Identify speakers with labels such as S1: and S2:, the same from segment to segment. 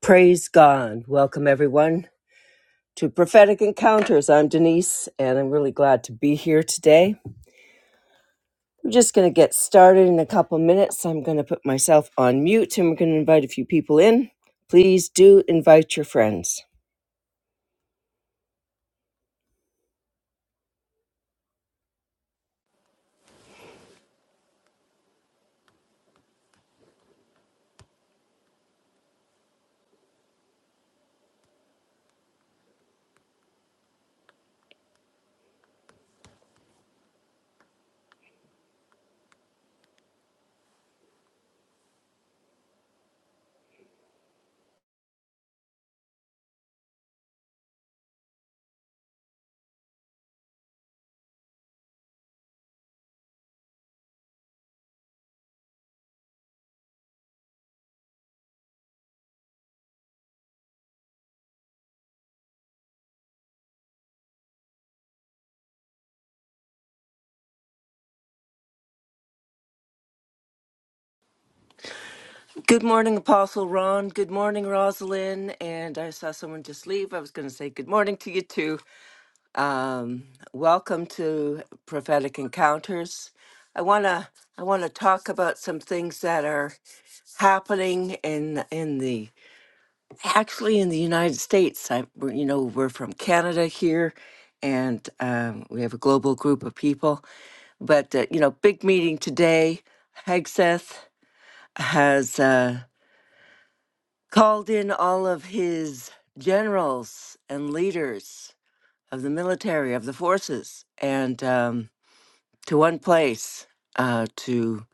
S1: Praise God. Welcome, everyone, to Prophetic Encounters. I'm Denise, and I'm really glad to be here today. We're just going to get started in a couple minutes. I'm going to put myself on mute and we're going to invite a few people in. Please do invite your friends. Good morning, Apostle Ron. Good morning, Rosalind. And I saw someone just leave. I was going to say good morning to you, too. Um, welcome to Prophetic Encounters. I wanna I wanna talk about some things that are happening in in the actually in the United States. I we're- you know we're from Canada here, and um, we have a global group of people. But uh, you know, big meeting today. Hegseth has uh, called in all of his generals and leaders of the military of the forces and um, to one place uh, to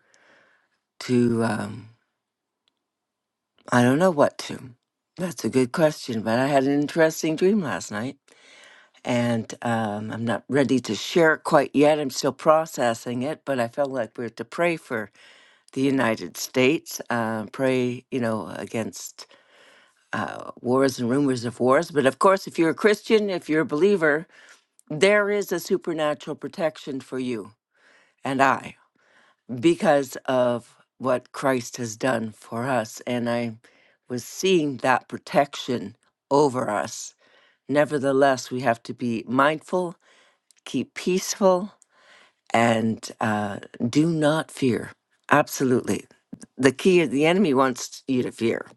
S1: to um, I don't know what to. That's a good question, but I had an interesting dream last night. And um, I'm not ready to share it quite yet. I'm still processing it, but I felt like we are to pray for the United States, uh, pray, you know, against uh, wars and rumors of wars. But of course, if you're a Christian, if you're a believer, there is a supernatural protection for you and I. because of what Christ has done for us. And I was seeing that protection over us. Nevertheless, we have to be mindful, keep peaceful, and uh, do not fear. Absolutely. The key is the enemy wants you to fear.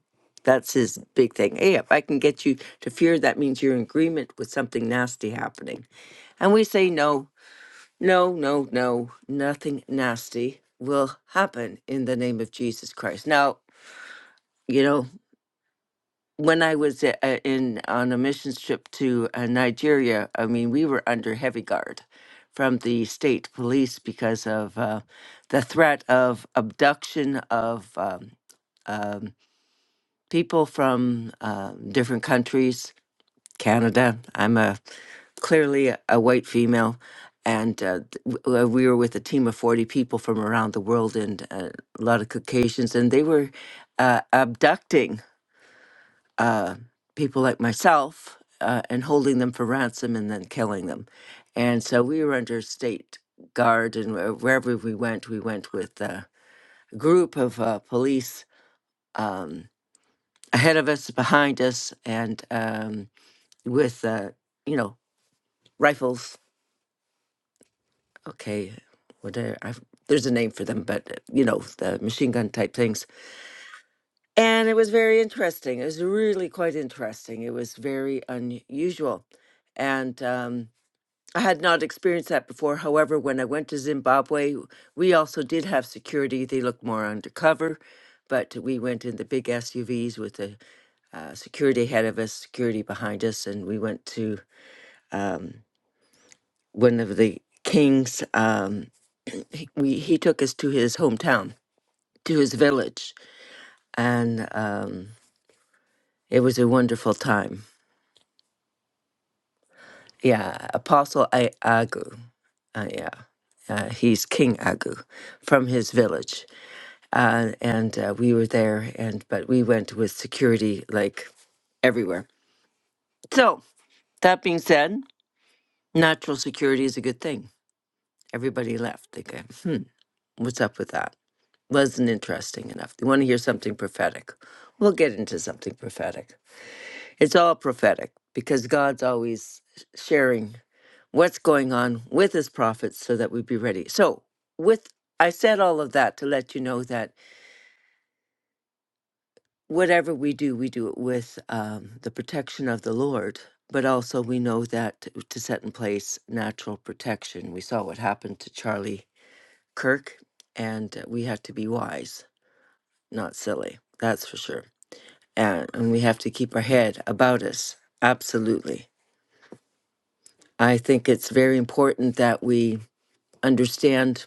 S1: That's his big thing. Hey, if I can get you to fear, that means you're in agreement with something nasty happening. And we say no. No, no, no. Nothing nasty will happen in the name of Jesus Christ. Now, you know, when I was uh, uh, in on a missions trip to uh, Nigeria, I mean, we were under heavy guard from the state police because of uh, the threat of abduction of um, um, people from uh, different countries Canada. I'm a clearly a, a white female, and uh, th- w- uh, we were with a team of forty people from around the world, and uh, a lot of Caucasians, and they were uh, abducting uh, people like myself uh, and holding them for ransom and then killing them, and so we were under state guard, and wh- wherever we went, we went with uh, a group of uh, police. Um, ahead of us behind us and um, with uh, you know rifles okay, whatever. I've, there's a name for them, but uh, you know, the machine gun type things. And it was very interesting. It was really quite interesting. It was very unusual. And um, I had not experienced that before. However, when I went to Zimbabwe, we also did have security. They looked more undercover, but we went in the big SUVs with the uh, security ahead of us, security behind us, and we went to um, one of the king's. Um, he- we, he took us to his hometown to his village, and um, it was a wonderful time. Yeah, Apostle I- Agu, uh, yeah, uh, he's King Agu from his village, uh, and uh, we were there, and but we went with security like everywhere. So that being said, natural security is a good thing. Everybody left. They go, hmm, what's up with that? Wasn't interesting enough. They want to hear something prophetic. We'll get into something prophetic. It's all prophetic because God's always sharing what's going on with his prophets so that we be ready. So, with I said all of that to let you know that whatever we do, we do it with um, the protection of the Lord. But also, we know that t- to set in place natural protection. We saw what happened to Charlie Kirk, and uh, we have to be wise, not silly. That's for sure. And, and we have to keep our head about us. Absolutely. I think it's very important that we understand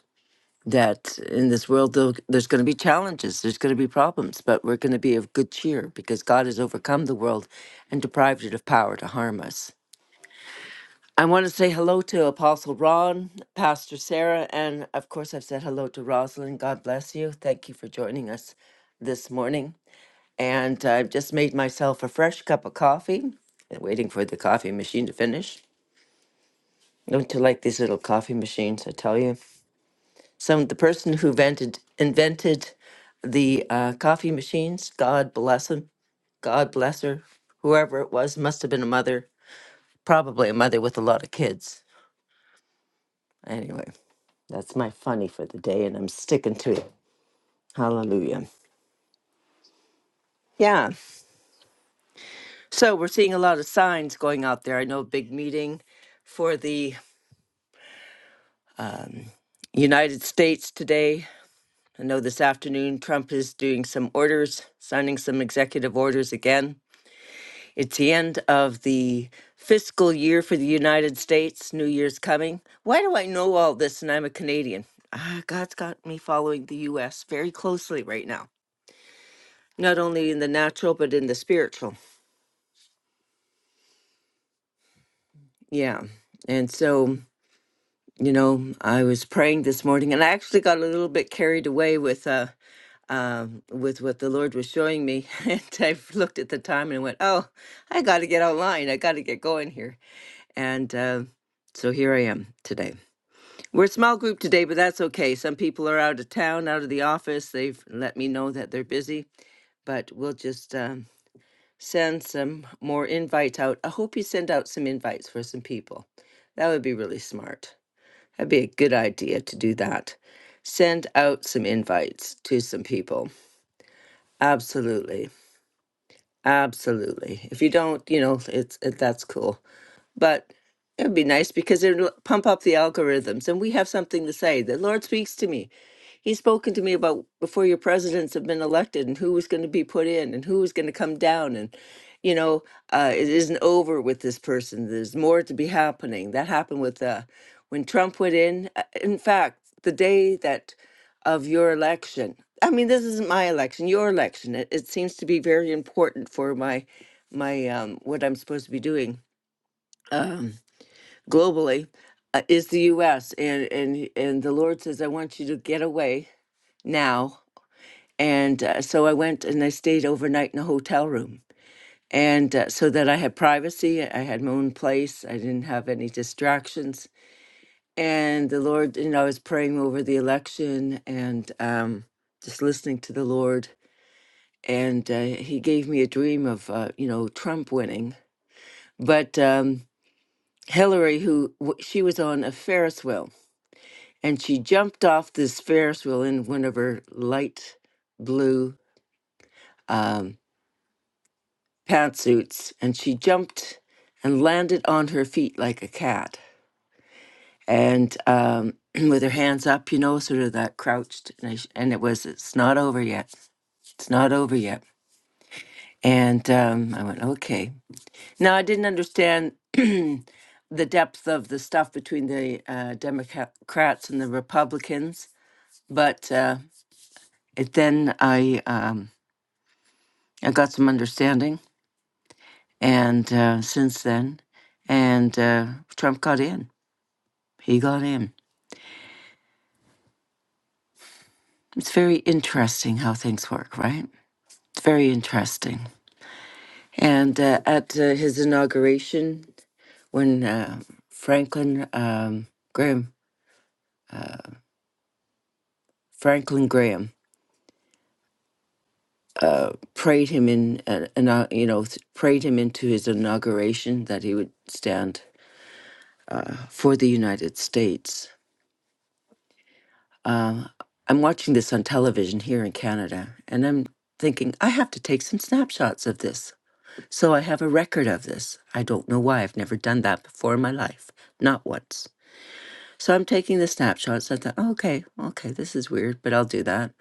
S1: that in this world, though, there's going to be challenges, there's going to be problems, but we're going to be of good cheer because God has overcome the world and deprived it of power to harm us. I want to say hello to Apostle Ron, Pastor Sarah, and of course, I've said hello to Rosalind. God bless you. Thank you for joining us this morning. And I've just made myself a fresh cup of coffee, waiting for the coffee machine to finish. Don't you like these little coffee machines? I tell you. some the person who vented, invented the uh, coffee machines. God bless him. God bless her. Whoever it was must have been a mother, probably a mother with a lot of kids. Anyway, that's my funny for the day, and I'm sticking to it. Hallelujah. Yeah. So we're seeing a lot of signs going out there. I know a big meeting for the United States today. I know this afternoon Trump is doing some orders, signing some executive orders again It's the end of the fiscal year for the United States. New Year's coming. Why do I know all this and I'm a Canadian? Ah, God's got me following the US very closely right now, not only in the natural, but in the spiritual. Yeah. And so, you know, I was praying this morning and I actually got a little bit carried away with, uh, um, with what the Lord was showing me, and I looked at the time and went, "Oh, I got to get online. I got to get going here." And uh, so here I am today. We're a small group today, but that's okay. Some people are out of town, out of the office. They've let me know that they're busy, but we'll just um, send some more invites out. I hope you send out some invites for some people. That would be really smart. That'd be a good idea to do that. Send out some invites to some people. Absolutely. Absolutely. If you don't, you know, it's it, that's cool. but it would be nice because it would pump up the algorithms and we have something to say the lord speaks to me he's spoken to me about before your presidents have been elected and who was going to be put in and who was going to come down and you know uh, it isn't over with this person there's more to be happening that happened with uh, when trump went in uh, in fact the day that of your election i mean this isn't my election your election it, it seems to be very important for my my um, what i'm supposed to be doing Um, globally uh, is the U.S. and and and the Lord says, "I want you to get away now." And uh, so I went and I stayed overnight in a hotel room, and uh, so that I had privacy. I had my own place. I didn't have any distractions. And the Lord, you know, I was praying over the election and um, just listening to the Lord. And uh, He gave me a dream of, uh, you know, Trump winning, but um, Hillary, who w- she was on a Ferris wheel and she jumped off this Ferris wheel in one of her light blue um, pantsuits, and she jumped and landed on her feet like a cat, and um, with her hands up, you know, sort of that crouched, and, I, sh- and it was, it's not over yet, it's not over yet, and um, I went, okay. Now I didn't understand. The depth of the stuff between the uh, Democrats and the Republicans, but uh, it, then I um, I got some understanding, and uh, since then, and uh, Trump got in. He got in. It's very interesting how things work, right? It's very interesting. And uh, at uh, his inauguration, when uh, Franklin um, Graham Franklin Graham uh, prayed him in, uh, inau- you know, th- prayed him into his inauguration that he would stand for the United States. I'm watching this on television here in Canada, and I'm thinking, I have to take some snapshots of this. So I have a record of this. I don't know why. I've never done that before in my life, not once. So I'm taking the snapshots. I thought, "Oh, okay, okay, this is weird, but I'll do that.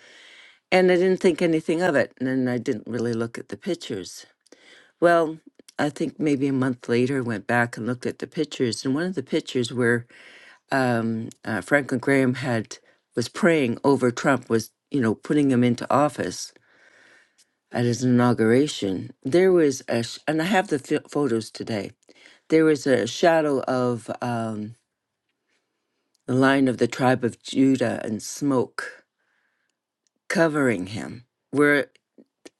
S1: And I didn't think anything of it. And then I didn't really look at the pictures. Well, I think maybe a month later, I went back and looked at the pictures. And one of the pictures were um, uh, Franklin Graham had was praying over Trump, was you know putting him into office at his inauguration. There was a, sh- and I have the ph photos today. There was a shadow of um, the line of the tribe of Judah and smoke covering him. Where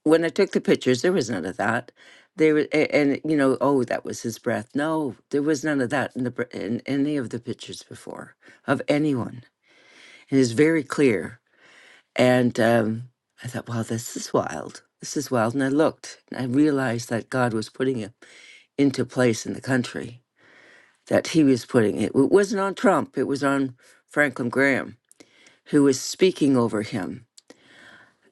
S1: when I took the pictures, there was none of that. They were, a- and you know, oh, that was his breath. No, there was none of that in the br- in any of the pictures before of anyone. It is very clear And um, I thought, wow, this is wild. This is wild. And I looked and I realized that God was putting it into place in the country, that he was putting it. It wasn't on Trump, it was on Franklin Graham, who was speaking over him.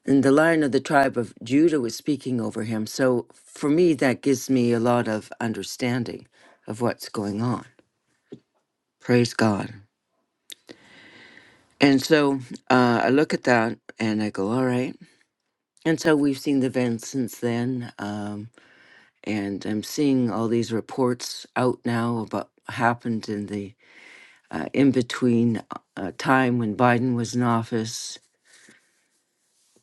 S1: And the lion of the tribe of Judah was speaking over him. So for me, that gives me a lot of understanding of what's going on. Praise God. And so uh, I look at that and I go, all right. And so we've seen the events since then. Um, and I'm seeing all these reports out now about what happened in the uh, in between uh, time when Biden was in office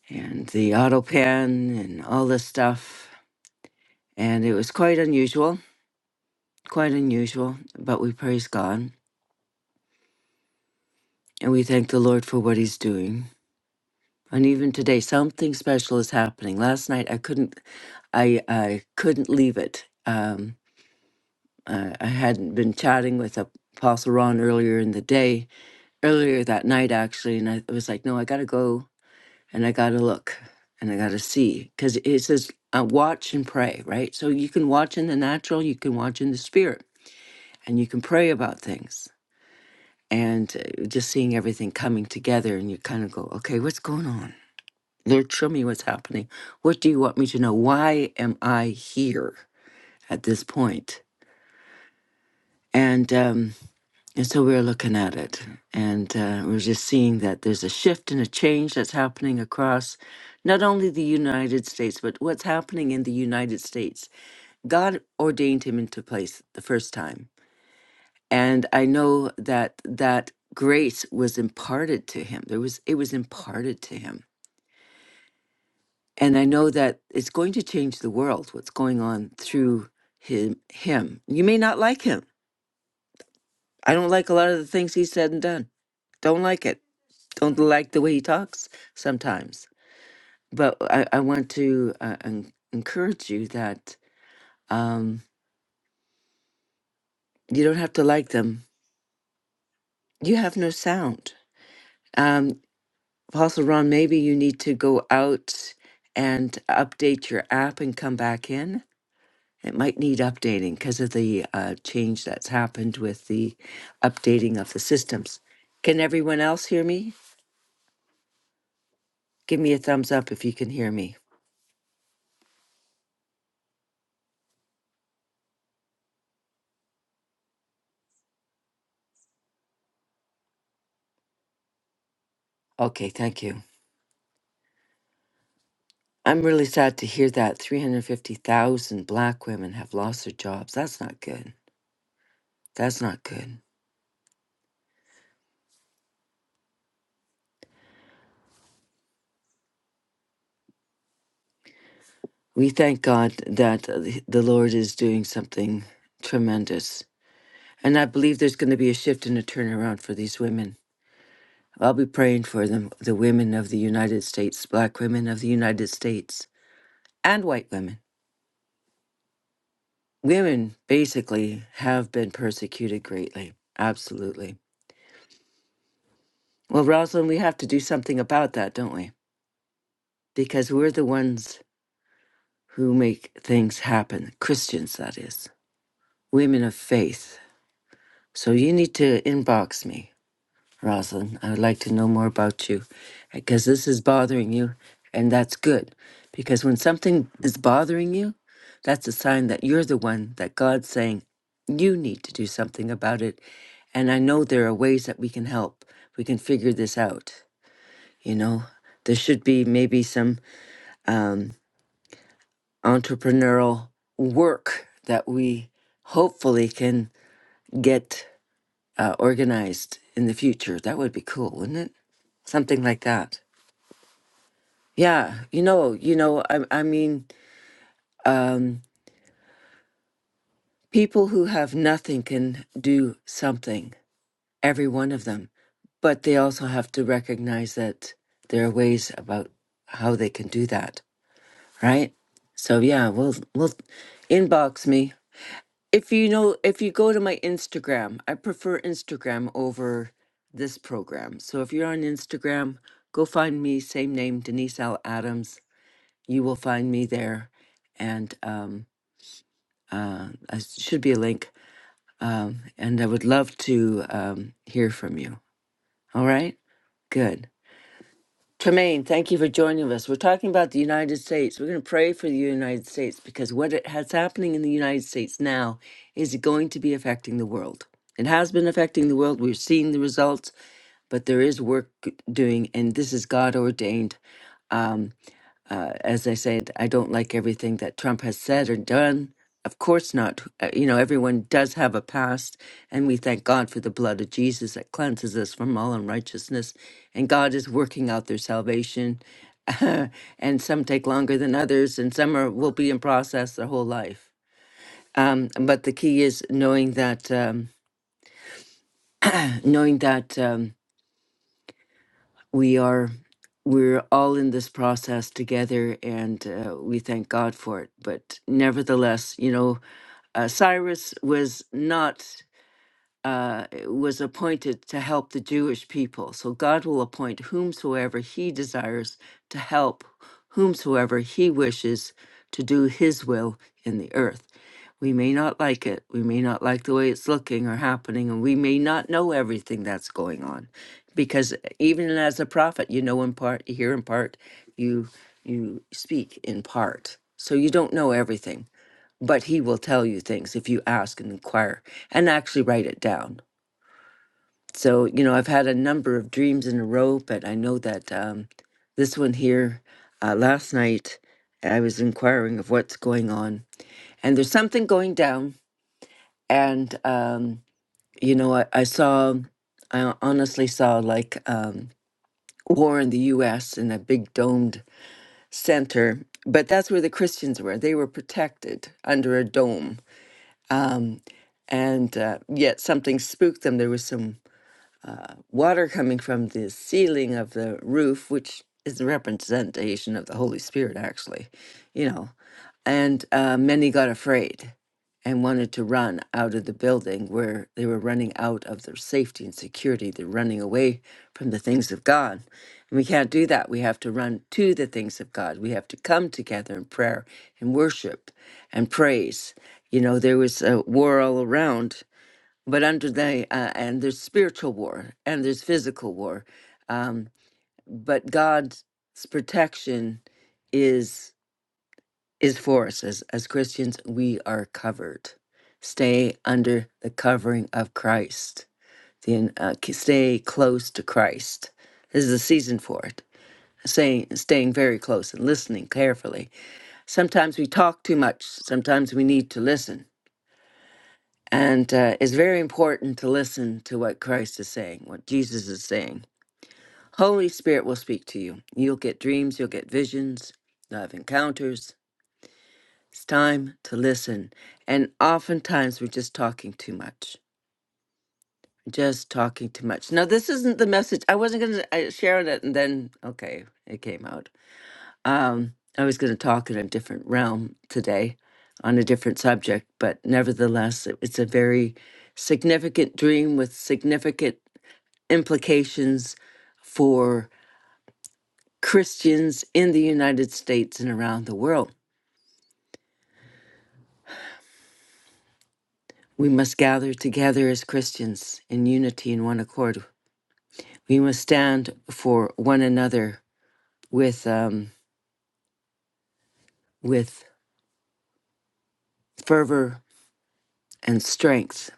S1: and the auto pan and all this stuff. And it was quite unusual, quite unusual, but we praise God and we thank the Lord for what He's doing. And even today, something special is happening. Last night, I couldn't, I, I couldn't leave it. Um, I, I hadn't been chatting with Apostle Ron earlier in the day, earlier that night actually and i was like no i gotta go and i gotta look and i gotta see because it says uh, watch and pray right so you can watch in the natural you can watch in the spirit and you can pray about things and uh, just seeing everything coming together and you kind of go okay what's going on lord show me what's happening what do you want me to know why am i here at this point point? and um, And so we were looking at it, and uh, we are just seeing that there's a shift and a change that's happening across not only the United States, but what's happening in the United States. God ordained him into place the first time. And I know that that grace was imparted to him. There was it was imparted to him. And I know that it's going to change the world, what's going on through him him. You may not like him. I don't like a lot of the things he said and done. Don't like it don't like the way he talks sometimes. But I, I want to uh, en- encourage you that um, you don't have to like them. You have no sound. Um, Apostle Ron, maybe you need to go out and update your app and come back in. It might need updating because of the uh, change that's happened with the updating of the systems. Can everyone else hear me? Give me a thumbs up if you can hear me. Okay, thank you. I'm really sad to hear that 350,000 black women have lost their jobs. That's not good. That's not good. We thank God that uh, the the Lord is doing something tremendous. And I believe there's going to be a shift and a turnaround for these women. I'll be praying for them, the women of the United States, black women of the United States, and white women. Women basically have been persecuted greatly. Absolutely. Well, Rosalind, we have to do something about that, don't we? Because we're the ones who make things happen. Christians, that is, women of faith. So you need to inbox me, Rosalind. I would like to know more about you because this is bothering you, and that's good. Because when something is bothering you, that's a sign that you're the one that God's saying, you need to do something about it. And I know there are ways that we can help. We can figure this out. You know, there should be maybe some. Um, entrepreneurial work that we hopefully can get uh, organized in the future. That would be cool, wouldn't it? Something like that. Yeah, you know, you know, I, I mean, um, people who have nothing can do something, every one of them, but they also have to recognize that there are ways about how they can do that, right? So yeah, we'll we'll inbox me. If you know, if you go to my Instagram, I prefer Instagram over this program. So if you're on Instagram, go find me, same name, Denise L. Adams. You will find me there. And um, uh, I s- should be a link. Um, and I would love to um, hear from you. All right? Good. Tremaine, thank you for joining us. We're talking about the United States. We're going to pray for the United States because what it has happening in the United States now is going to be affecting the world. It has been affecting the world. We're seeing the results, but there is work doing, and this is God ordained. um, uh, as I said, I don't like everything that Trump has said or done. Of course not. Uh, You know, everyone does have a past, and we thank God for the blood of Jesus that cleanses us from all unrighteousness. And God is working out their salvation, and some take longer than others, and some are will be in process their whole life. Um, but the key is knowing that, um, knowing that. Um, we are we're all in this process together and uh, we thank god for it but nevertheless you know uh, cyrus was not uh, was appointed to help the Jewish people. So God will appoint whomsoever he desires to help whomsoever he wishes to do his will in the earth. We may not like it. We may not like the way it's looking or happening, and we may not know everything that's going on. Because uh, even as a prophet, you know in part, you hear in part, you you speak in part. So you don't know everything, but he will tell you things if you ask and inquire and actually write it down. So, you know, I've had a number of dreams in a row, but I know that um, this one here, uh, last night, I was inquiring of what's going on. And there's something going down. And, um, you know, I, I saw, I honestly saw like um, war in the US in a big domed center. But that's where the Christians were. They were protected under a dome. Um, and uh, yet something spooked them. There was some water coming from the ceiling of the roof, which is a representation of the Holy Spirit, actually, you know. And uh, many got afraid and wanted to run out of the building where they were running out of their safety and security. They're running away from the things of God. And we can't do that. We have to run to the things of God. We have to come together in prayer and worship and praise. You know, there was a war all around but under the uh, and there's spiritual war and there's physical war um but god's protection is is for us as as christians we are covered stay under the covering of christ then uh, k- stay close to christ this is a season for it saying staying very close and listening carefully sometimes we talk too much sometimes we need to listen And uh, it's very important to listen to what Christ is saying, what Jesus is saying. Holy Spirit will speak to you. You'll get dreams, you'll get visions, you'll have encounters. It's time to listen. And oftentimes we're just talking too much. Just talking too much. Now, this isn't the message. I wasn't going to share it, and then, okay, it came out. Um, I was going to talk in a different realm today on a different subject, but nevertheless, it- it's a very significant dream with significant implications for Christians in the United States and around the world. We must gather together as Christians in unity and one accord. We must stand for one another with, um, with fervor and strength.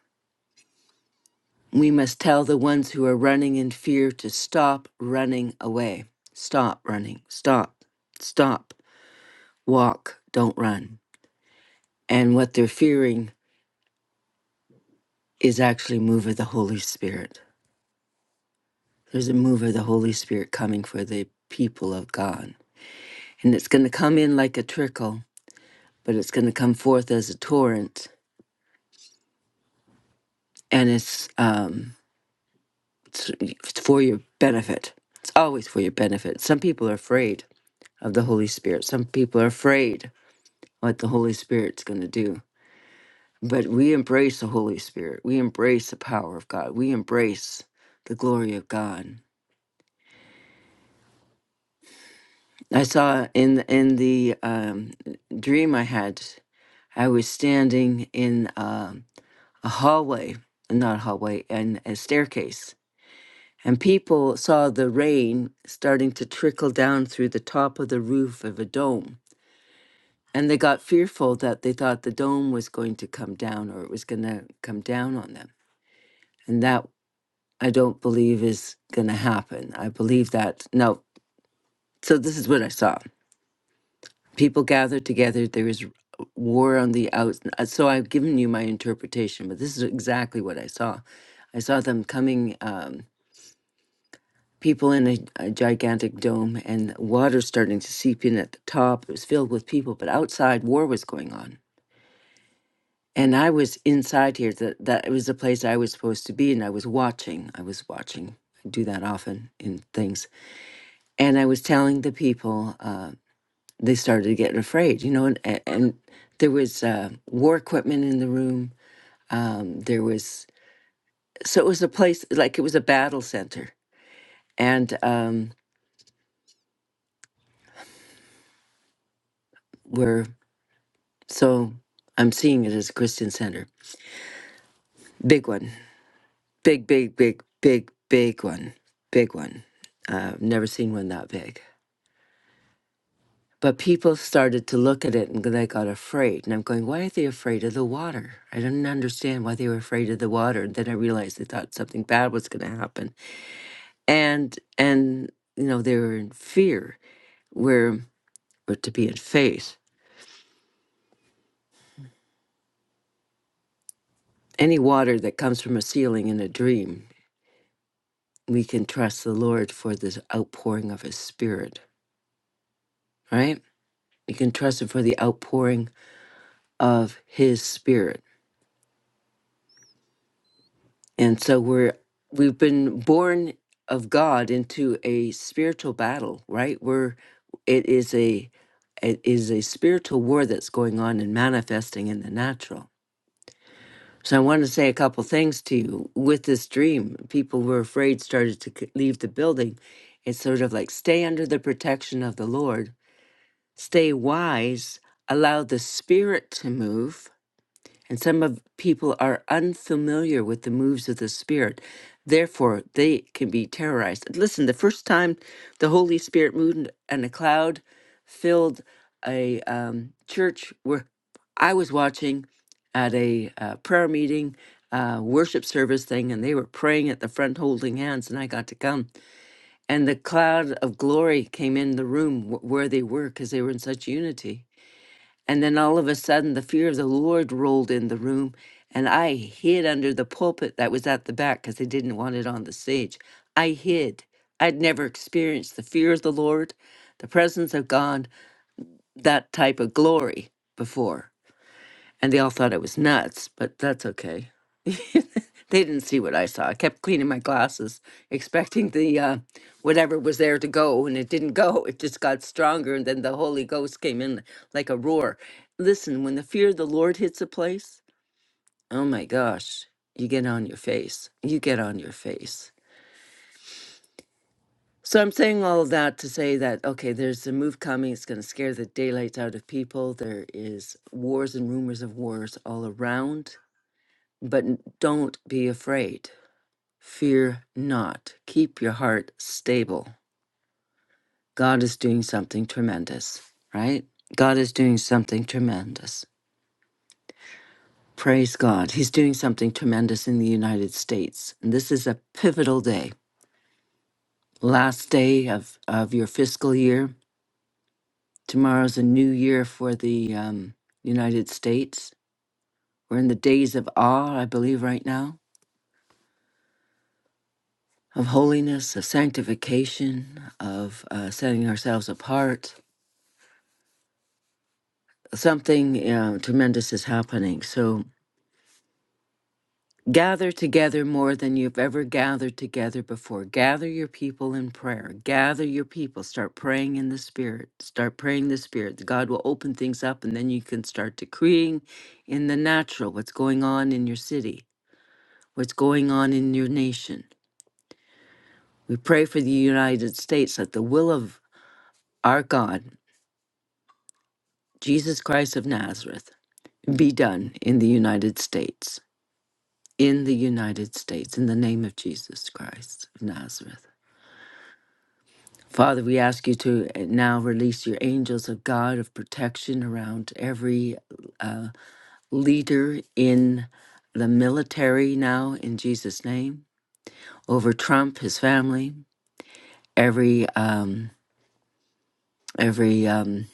S1: We must tell the ones who are running in fear to stop running away. Stop running. Stop. Stop. Walk. Don't run. And what they're fearing is actually move of the Holy Spirit. There's a move of the Holy Spirit coming for the people of God. And it's going to come in like a trickle, but it's going to come forth as a torrent. And it's, um, it's it's for your benefit. It's always for your benefit. Some people are afraid of the Holy Spirit, some people are afraid what the Holy Spirit's going to do. But we embrace the Holy Spirit. We embrace the power of God. We embrace the glory of God. I saw in in the um, dream I had, I was standing in um a hallway, not a hallway, and a staircase, and people saw the rain starting to trickle down through the top of the roof of a dome, and they got fearful that they thought the dome was going to come down or it was going to come down on them, and that I don't believe is going to happen. I believe that no. So this is what I saw. people gather together there is war on the outs uh, so i've given you my interpretation but this is exactly what i saw i saw them coming um, people in a, a gigantic dome and water starting to seep in at the top it was filled with people but outside war was going on and i was inside here that that it was the place i was supposed to be and i was watching i was watching I do that often in things and i was telling the people Um, they started getting afraid, you know, and, and and there was uh, war equipment in the room. Um, there was, so it was a place, like it was a battle center. And um, we're, so I'm seeing it as a Christian center. Big one. Big, big, big, big, big one. Big one. Uh, never seen one that big. But people started to look at it and they got afraid. And I'm going, why are they afraid of the water? I didn't understand why they were afraid of the water. And then I realized they thought something bad was going to happen and and you know they were in fear where we're to be in faith any water that comes from a ceiling in a dream we can trust the lord for this outpouring of his spirit right you can trust him for the outpouring of his spirit and so we're we've been born of god into a spiritual battle right We're it it is a it is a spiritual war that's going on and manifesting in the natural So I wanted to say a couple things to you. With this dream, people were afraid started to c- leave the building. It's sort of like stay under the protection of the Lord, stay wise, allow the Spirit to move. And some of people are unfamiliar with the moves of the Spirit. Therefore, they can be terrorized. Listen, the first time the Holy Spirit moved and a cloud filled a um, church where I was watching at a uh, prayer meeting, uh, worship service thing, and they were praying at the front holding hands, and I got to come. And the cloud of glory came in the room wh- where they were because they were in such unity. And then all of a sudden, the fear of the Lord rolled in the room, and I hid under the pulpit that was at the back because they didn't want it on the stage. I hid. I'd never experienced the fear of the Lord, the presence of God, that type of glory before. And they all thought I was nuts, but that's okay. they didn't see what I saw. I kept cleaning my glasses, expecting the uh, whatever was there to go, and it didn't go. It just got stronger, and then the Holy Ghost came in like a roar. Listen, when the fear of the Lord hits a place, oh my gosh, you get on your face. You get on your face. So I'm saying all of that to say that okay, there's a move coming. It's going to scare the daylights out of people. There is wars and rumors of wars all around, but n- don't be afraid Fear not. Keep your heart stable. God is doing something tremendous, right? God is doing something tremendous. Praise God. He's doing something tremendous in the United States. And this is a pivotal day, last day of, of your fiscal year. Tomorrow's a new year for the um, United States. We're in the days of awe, I believe, right now, of holiness, of sanctification, of uh, setting ourselves apart something uh, tremendous is happening. So gather together more than you've ever gathered together before. Gather your people in prayer. Gather your people. Start praying in the Spirit. Start praying in the Spirit. God will open things up, and then you can start decreeing in the natural what's going on in your city, what's going on in your nation. We pray for the United States that the will of our God, Jesus Christ of Nazareth, be done in the United States. in the United States, in the name of Jesus Christ of Nazareth. Father, we ask you to eh, now release your angels of God of protection around every leader in the military now, in Jesus' name, over Trump, his family, every um, every um,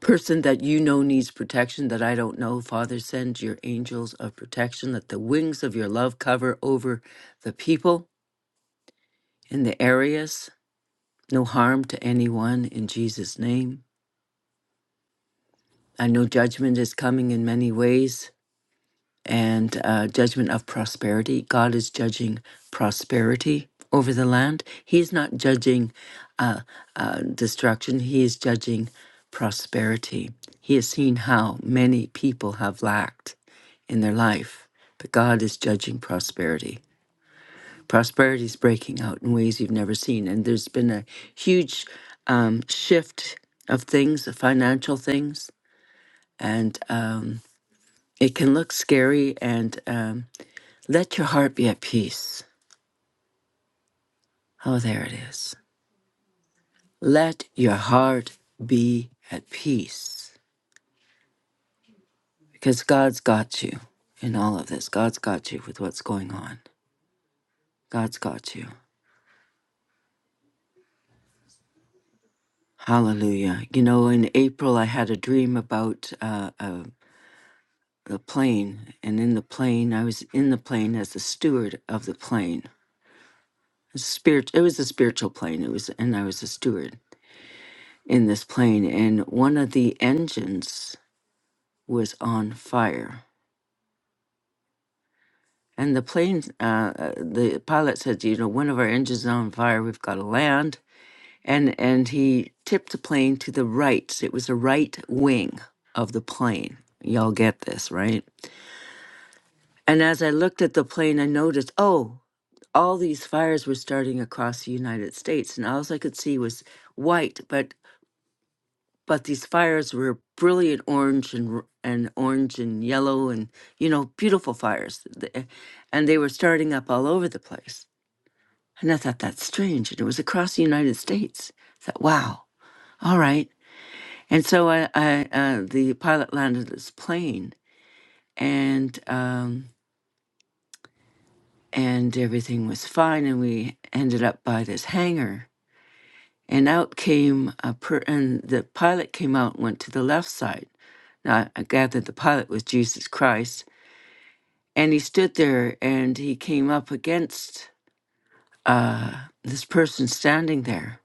S1: person that you know needs protection that I don't know. Father, send your angels of protection. Let the wings of your love cover over the people in the areas no harm to anyone in Jesus' name. I know judgment is coming in many ways and uh, judgment of prosperity. God is judging prosperity over the land. He's not judging uh, uh, destruction, He is judging prosperity. He has seen how many people have lacked in their life, but God is judging prosperity. prosperity is breaking out in ways you've never seen. And there's been a huge um, shift of things, the financial things, and um, it can look scary. And um, let your heart be at peace. Oh, there it is. Let your heart be at peace because God's got you in all of this. God's got you with what's going on. God's got you. Hallelujah. You know, in April, I had a dream about uh, a the plane and in the plane i was in the plane as the steward of the plane It's spirit it was a spiritual plane it was and i was a steward in this plane and one of the engines was on fire and the plane uh, uh, the pilot said you know one of our engines is on fire we've got to land and and he tipped the plane to the right it was the right wing of the plane y'all get this right And as I looked at the plane, I noticed, oh, all these fires were starting across the United States, and all I could see was white. But but these fires were brilliant orange and r- and orange and yellow and you know beautiful fires, The- eh, and they were starting up all over the place. And I thought that's strange, and it was across the United States. I thought, wow, all right. And so I, I uh, the pilot landed his plane, and. Um, and everything was fine and we ended up by this hangar and out came a per- and the pilot came out and went to the left side now i gathered the pilot was jesus christ and he stood there and he came up against uh, this person standing there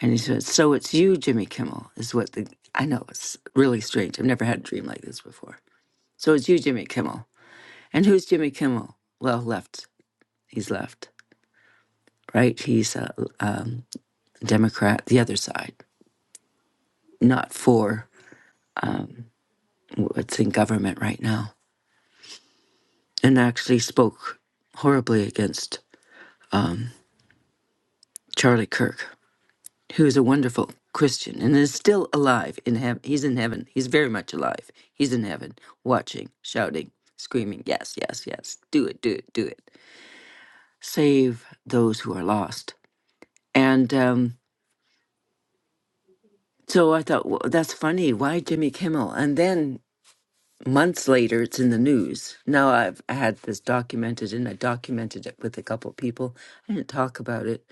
S1: and he said so it's you jimmy kimmel is what the i know it's really strange i've never had a dream like this before so it's you jimmy kimmel and who's jimmy kimmel well left he's left right he's uh, um, Democrat, the other side, not for what's in government right now, and actually spoke horribly against Charlie Kirk, who is a wonderful Christian and is still alive in heaven. He's in heaven. He's very much alive. He's in heaven, watching, shouting, screaming, yes, yes, yes, do it, do it, do it. Save those who are lost. And um, so I thought, well, that's funny. Why Jimmy Kimmel? And then months later it's in the news now i've I had this documented and i documented it with a couple of people i didn't talk about it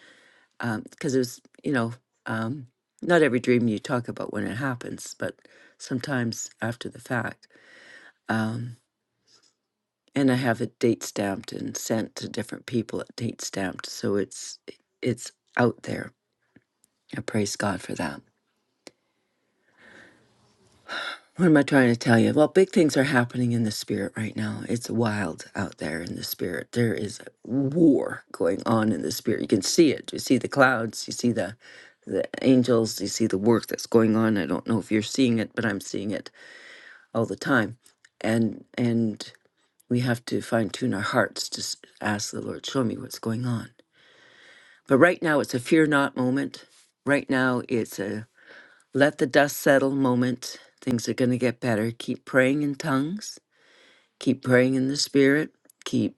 S1: because it was you know um, not every dream you talk about when it happens but sometimes after the fact um, and i have it date stamped and sent to different people at date stamped so it's it's out there i praise god for that What am I trying to tell you? Well, big things are happening in the spirit right now. It's wild out there in the spirit. There is war going on in the spirit. You can see it. You see the clouds. You see the the angels. You see the work that's going on. I don't know if you're seeing it, but I'm seeing it all the time. And and we have to fine tune our hearts to s- ask the Lord, show me what's going on. But right now, it's a fear not moment. Right now, it's a let the dust settle moment. Things are going to get better. Keep praying in tongues. Keep praying in the spirit. Keep,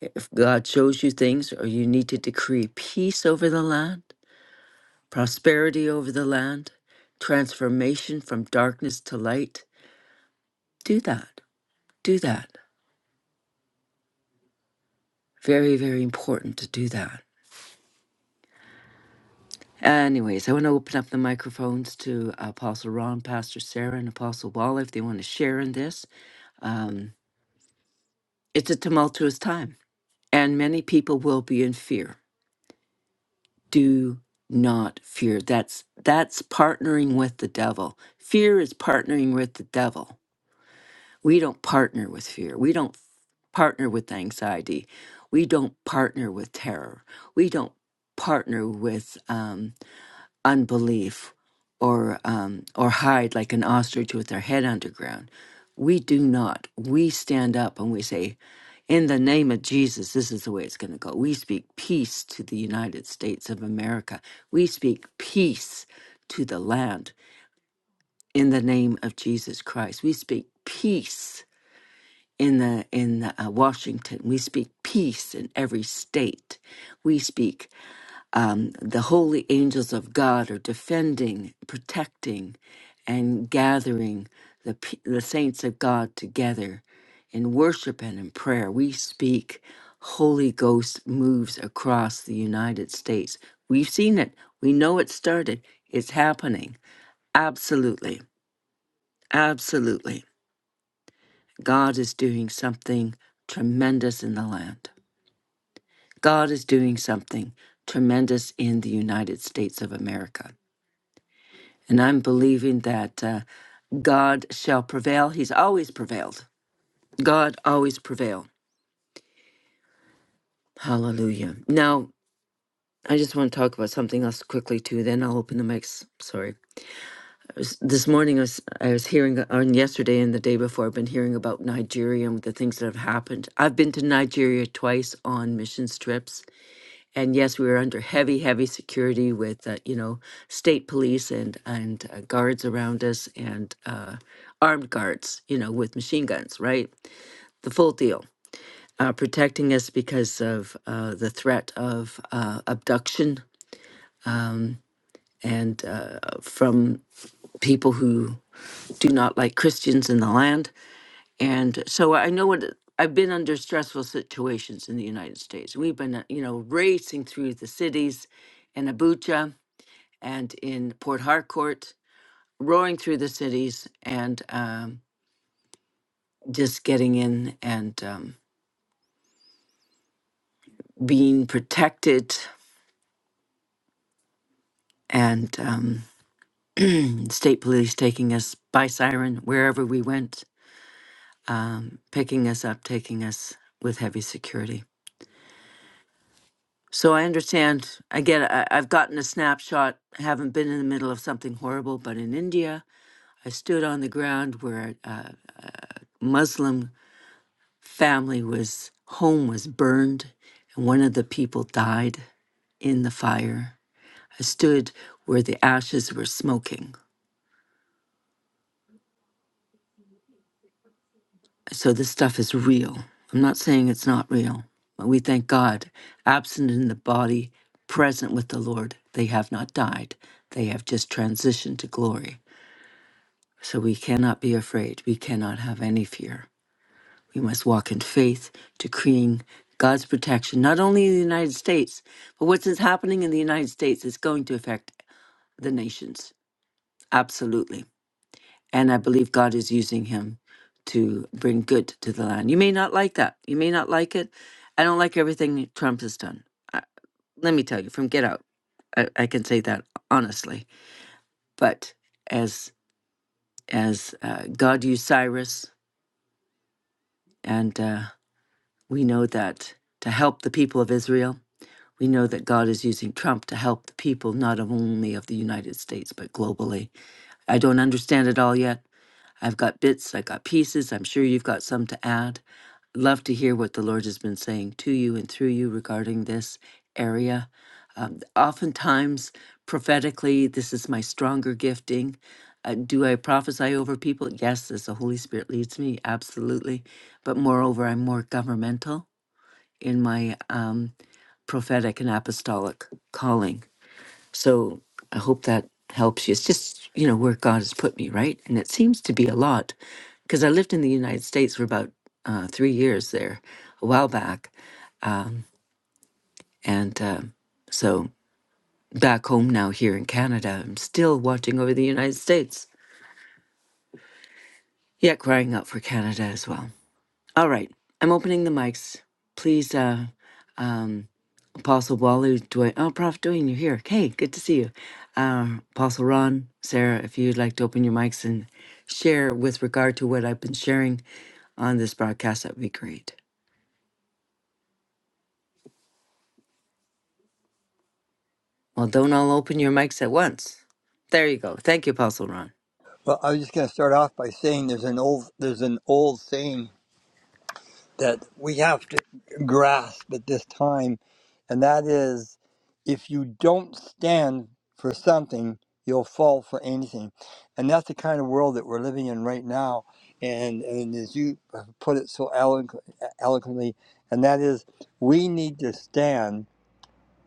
S1: if God shows you things or you need to decree peace over the land, prosperity over the land, transformation from darkness to light, do that. Do that. Very, very important to do that. Anyways, I want to open up the microphones to Apostle Ron, Pastor Sarah, and Apostle Walla if they want to share in this. Um, it's a tumultuous time and many people will be in fear. Do not fear. That's that's partnering with the devil. Fear is partnering with the devil. We don't partner with fear. We don't partner with anxiety. We don't partner with terror. We don't partner with um, unbelief or um, or hide like an ostrich with their head underground. We do not. We stand up and we say, in the name of Jesus, this is the way it's going to go. We speak peace to the United States of America. We speak peace to the land in the name of Jesus Christ. We speak peace in the in uh, Washington. We speak peace in every state. We speak um, the holy angels of God are defending, protecting, and gathering the, pe- the saints of God together in worship and in prayer. We speak, Holy Ghost moves across the United States. We've seen it, we know it started, it's happening. Absolutely, absolutely. God is doing something tremendous in the land. God is doing something tremendous in the United States of America. And I'm believing that uh, God shall prevail. He's always prevailed. God always prevail. Hallelujah. Now, I just want to talk about something else quickly too. Then I'll open the mics. Sorry. I was, this morning I was I was hearing on yesterday and the day before I've been hearing about Nigeria and the things that have happened. I've been to Nigeria twice on mission trips, and yes, we were under heavy, heavy security with uh, you know state police and and uh, guards around us and uh, armed guards, you know, with machine guns, right? The full deal, uh, protecting us because of uh, the threat of uh, abduction and uh, from people who do not like Christians in the land. And so I know what it- I've been under stressful situations in the United States. We've been, uh, you know, racing through the cities in Abuja and in Port Harcourt, roaring through the cities and um, just getting in and um, being protected, and um, state police taking us by siren wherever we went, picking us up, taking us with heavy security. So I understand. Again, I, I've gotten a snapshot. I haven't been in the middle of something horrible, but in India, I stood on the ground where a Muslim family was home was burned and one of the people died in the fire i stood where the ashes were smoking so this stuff is real i'm not saying it's not real but we thank god absent in the body present with the lord they have not died they have just transitioned to glory so we cannot be afraid we cannot have any fear We must walk in faith, decreeing God's protection, not only in the United States, but what's happening in the United States is going to affect the nations. Absolutely. And I believe God is using him to bring good to the land. You may not like that. You may not like it. I don't like everything Trump has done. I, let me tell you, from Get Out, I, I can say that honestly. But as as uh, God used Cyrus, and uh, we know that to help the people of Israel, We know that God is using Trump to help the people, not only of the United States, but globally. I don't understand it all yet. I've got bits, I've got pieces. I'm sure you've got some to add. Love to hear what the Lord has been saying to you and through you regarding this area. Um, oftentimes, prophetically, this is my stronger gifting. Uh, do I prophesy over people? Yes, as the Holy Spirit leads me, absolutely. But moreover, I'm more governmental in my um, prophetic and apostolic calling. So I hope that helps you. It's just, you know, where God has put me, right? And it seems to be a lot because I lived in the United States for about uh, three years there a while back. Um, and um so back home now here in Canada, I'm still watching over the United States, yet crying out for Canada as well. All right, I'm opening the mics. Please uh, um, Apostle Walu, Dwayne. Oh, Prof. Dwayne, you're here. Hey, good to see you. Uh, Apostle Ron, Sarah, if you'd like to open your mics and share with regard to what I've been sharing on this broadcast, that would be great. Well, don't all open your mics at once. There you go. Thank you, Apostle Ron.
S2: Well, I was just going to start off by saying there's an old there's an old saying that we have to grasp at this time, and that is, if you don't stand for something, you'll fall for anything, and that's the kind of world that we're living in right now. And and as you put it so eloqu- eloquently, and that is, we need to stand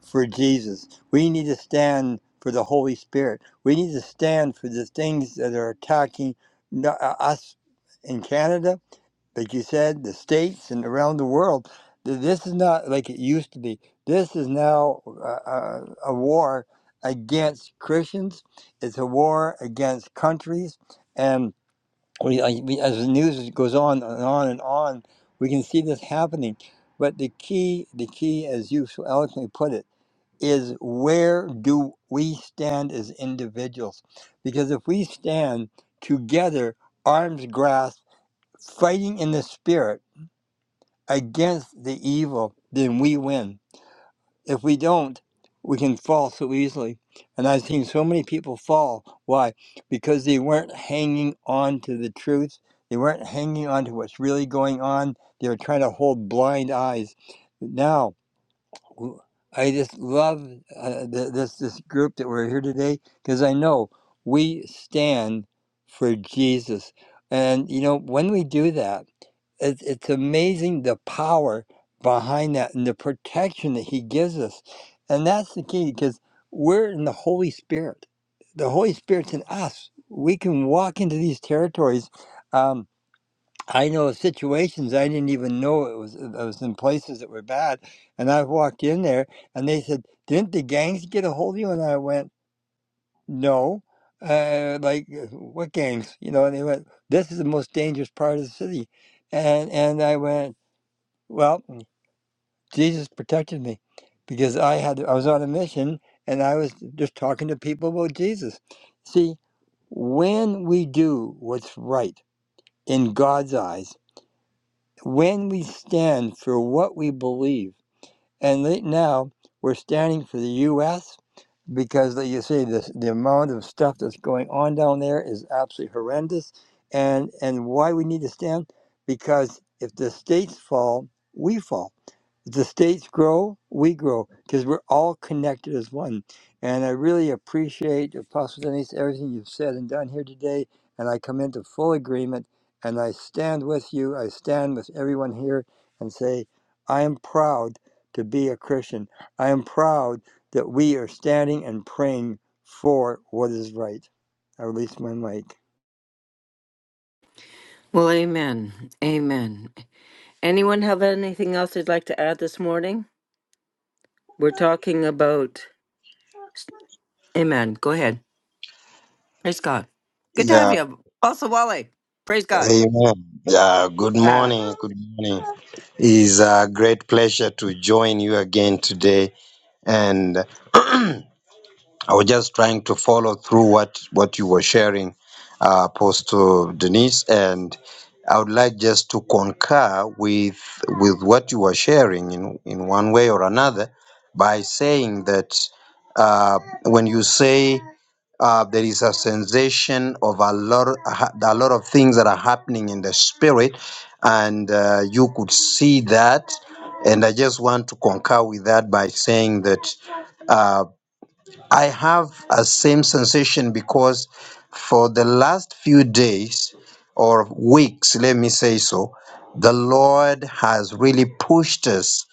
S2: for Jesus. We need to stand for the Holy Spirit. We need to stand for the things that are attacking uh, us in Canada, like you said, the states and around the world. This is not like it used to be. This is now uh, uh, a war against Christians. It's a war against countries, and we, as the news goes on and on and on, we can see this happening. But the key, the key, as you so eloquently put it is where do we stand as individuals? Because if we stand together, arms grasped, fighting in the spirit against the evil, then we win. If we don't, we can fall so easily. And I've seen so many people fall. Why? Because they weren't hanging on to the truth. They weren't hanging on to what's really going on. They were trying to hold blind eyes. Now, w- I just love uh, th- this this group that we're here today because I know we stand for Jesus, and you know when we do that, it's it's amazing the power behind that and the protection that He gives us, and that's the key because we're in the Holy Spirit. The Holy Spirit's in us. We can walk into these territories. Um, I know of situations I didn't even know it was. I was in places that were bad, and I walked in there, and they said, "Didn't the gangs get a hold of you?" And I went, "No." Uh, like uh, what gangs? You know? And they went, "This is the most dangerous part of the city," and and I went, "Well, Jesus protected me, because I had I was on a mission, and I was just talking to people about Jesus." See, when we do what's right in God's eyes when we stand for what we believe, and right now we're standing for the U.S. because, like you say, this, the amount of stuff that's going on down there is absolutely horrendous. And and why we need to stand because if the states fall, we fall if the states grow, we grow because we're all connected as one. And I really appreciate Apostle Denise everything you've said and done here today. And I come into full agreement and I stand with you. I stand with everyone here and say, I am proud to be a Christian. I am proud that we are standing and praying for what is right. I release my mic.
S1: Well, amen. Amen. Anyone have anything else they'd like to add this morning? We're talking about. Amen. Go ahead. Praise God. Good to have
S3: Yeah,
S1: you, Apostle Wally. Praise God.
S3: amen. Yeah, good morning. Good morning. It's a great pleasure to join you again today. And I was just trying to follow through what, what you were sharing, uh, Apostle Denise. And I would like just to concur with, with what you were sharing in, in one way or another by saying that uh, when you say uh, there is a sensation of a lot, a lot of things that are happening in the spirit, and uh, you could see that. And I just want to concur with that by saying that uh, I have a same sensation because for the last few days or weeks, let me say so, the Lord has really pushed us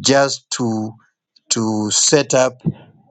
S3: just to to set up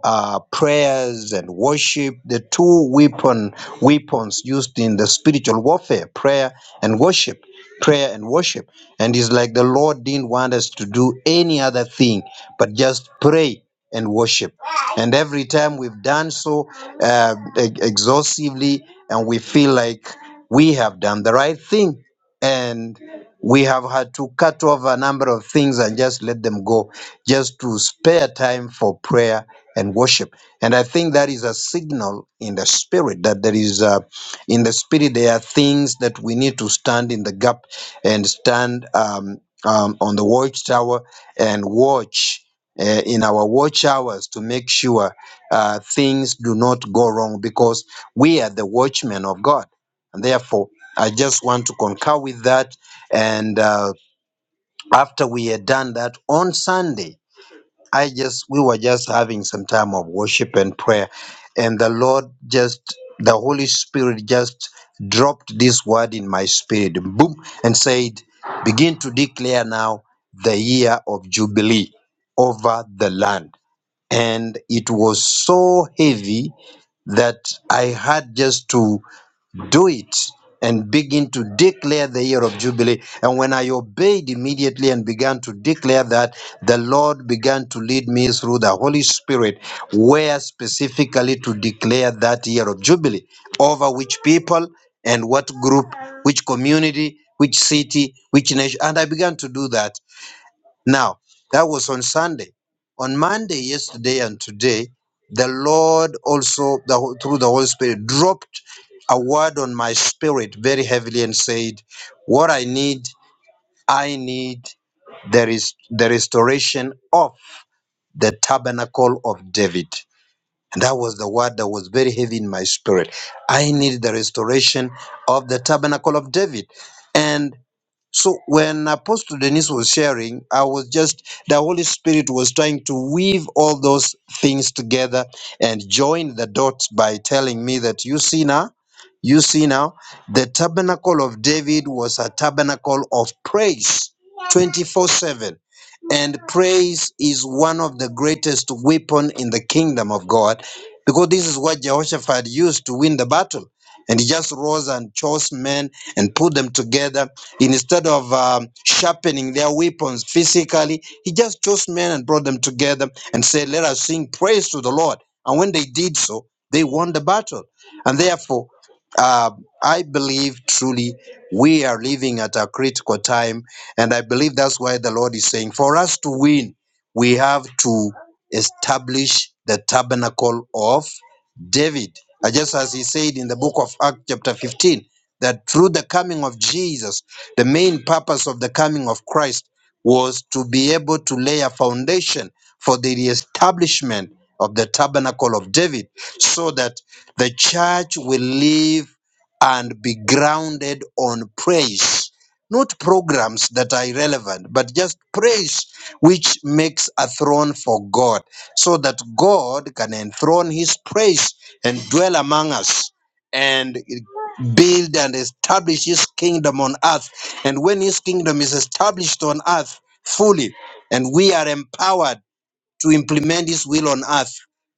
S3: uh, prayers and worship, the two weapon weapons used in the spiritual warfare, prayer and worship, prayer and worship. And it's like the Lord didn't want us to do any other thing but just pray and worship. And every time we've done so uh, e- exhaustively, and we feel like we have done the right thing, and we have had to cut off a number of things and just let them go just to spare time for prayer and worship. And I think that is a signal in the spirit that there is, uh, in the spirit, there are things that we need to stand in the gap and stand um, um, on the watchtower and watch. Uh, in our watch hours to make sure uh, things do not go wrong because we are the watchmen of God. And therefore, I just want to concur with that. And uh, after we had done that on Sunday, I just we were just having some time of worship and prayer, and the Lord just the Holy Spirit just dropped this word in my spirit, boom, and said, "Begin to declare now the year of jubilee over the land." And it was so heavy that I had just to do it and begin to declare the year of Jubilee. And when I obeyed immediately and began to declare that, the Lord began to lead me through the Holy Spirit, where specifically to declare that year of Jubilee over which people and what group, which community, which city, which nation. And I began to do that. Now, that was on Sunday. On Monday, yesterday, and today, the Lord also, the, Ho- through the Holy Spirit, dropped a word on my spirit very heavily and said, What I need, I need there is the restoration of the tabernacle of David. And that was the word that was very heavy in my spirit. I need the restoration of the tabernacle of David. and. So when Apostle Denise was sharing, I was just, the Holy Spirit was trying to weave all those things together and join the dots by telling me that you see now, you see now, the tabernacle of David was a tabernacle of praise 24 7. And praise is one of the greatest weapon in the kingdom of God because this is what Jehoshaphat used to win the battle. And he just rose and chose men and put them together Instead of um, sharpening their weapons physically, he just chose men and brought them together and said, Let us sing praise to the Lord. And when they did so, they won the battle. And therefore, uh, I believe truly we are living at a critical time. And I believe that's why the Lord is saying, For us to win, we have to establish the tabernacle of David. Uh, Just as he said in the book of Acts, chapter 15, that through the coming of Jesus, the main purpose of the coming of Christ was to be able to lay a foundation for the reestablishment of the tabernacle of David so that the church will live and be grounded on praise. Not programs that are irrelevant, but just praise which makes a throne for God, so that God can enthrone his praise and dwell among us and build and establish his kingdom on earth and when his kingdom is established on earth fully, and we are empowered to implement His will on earth,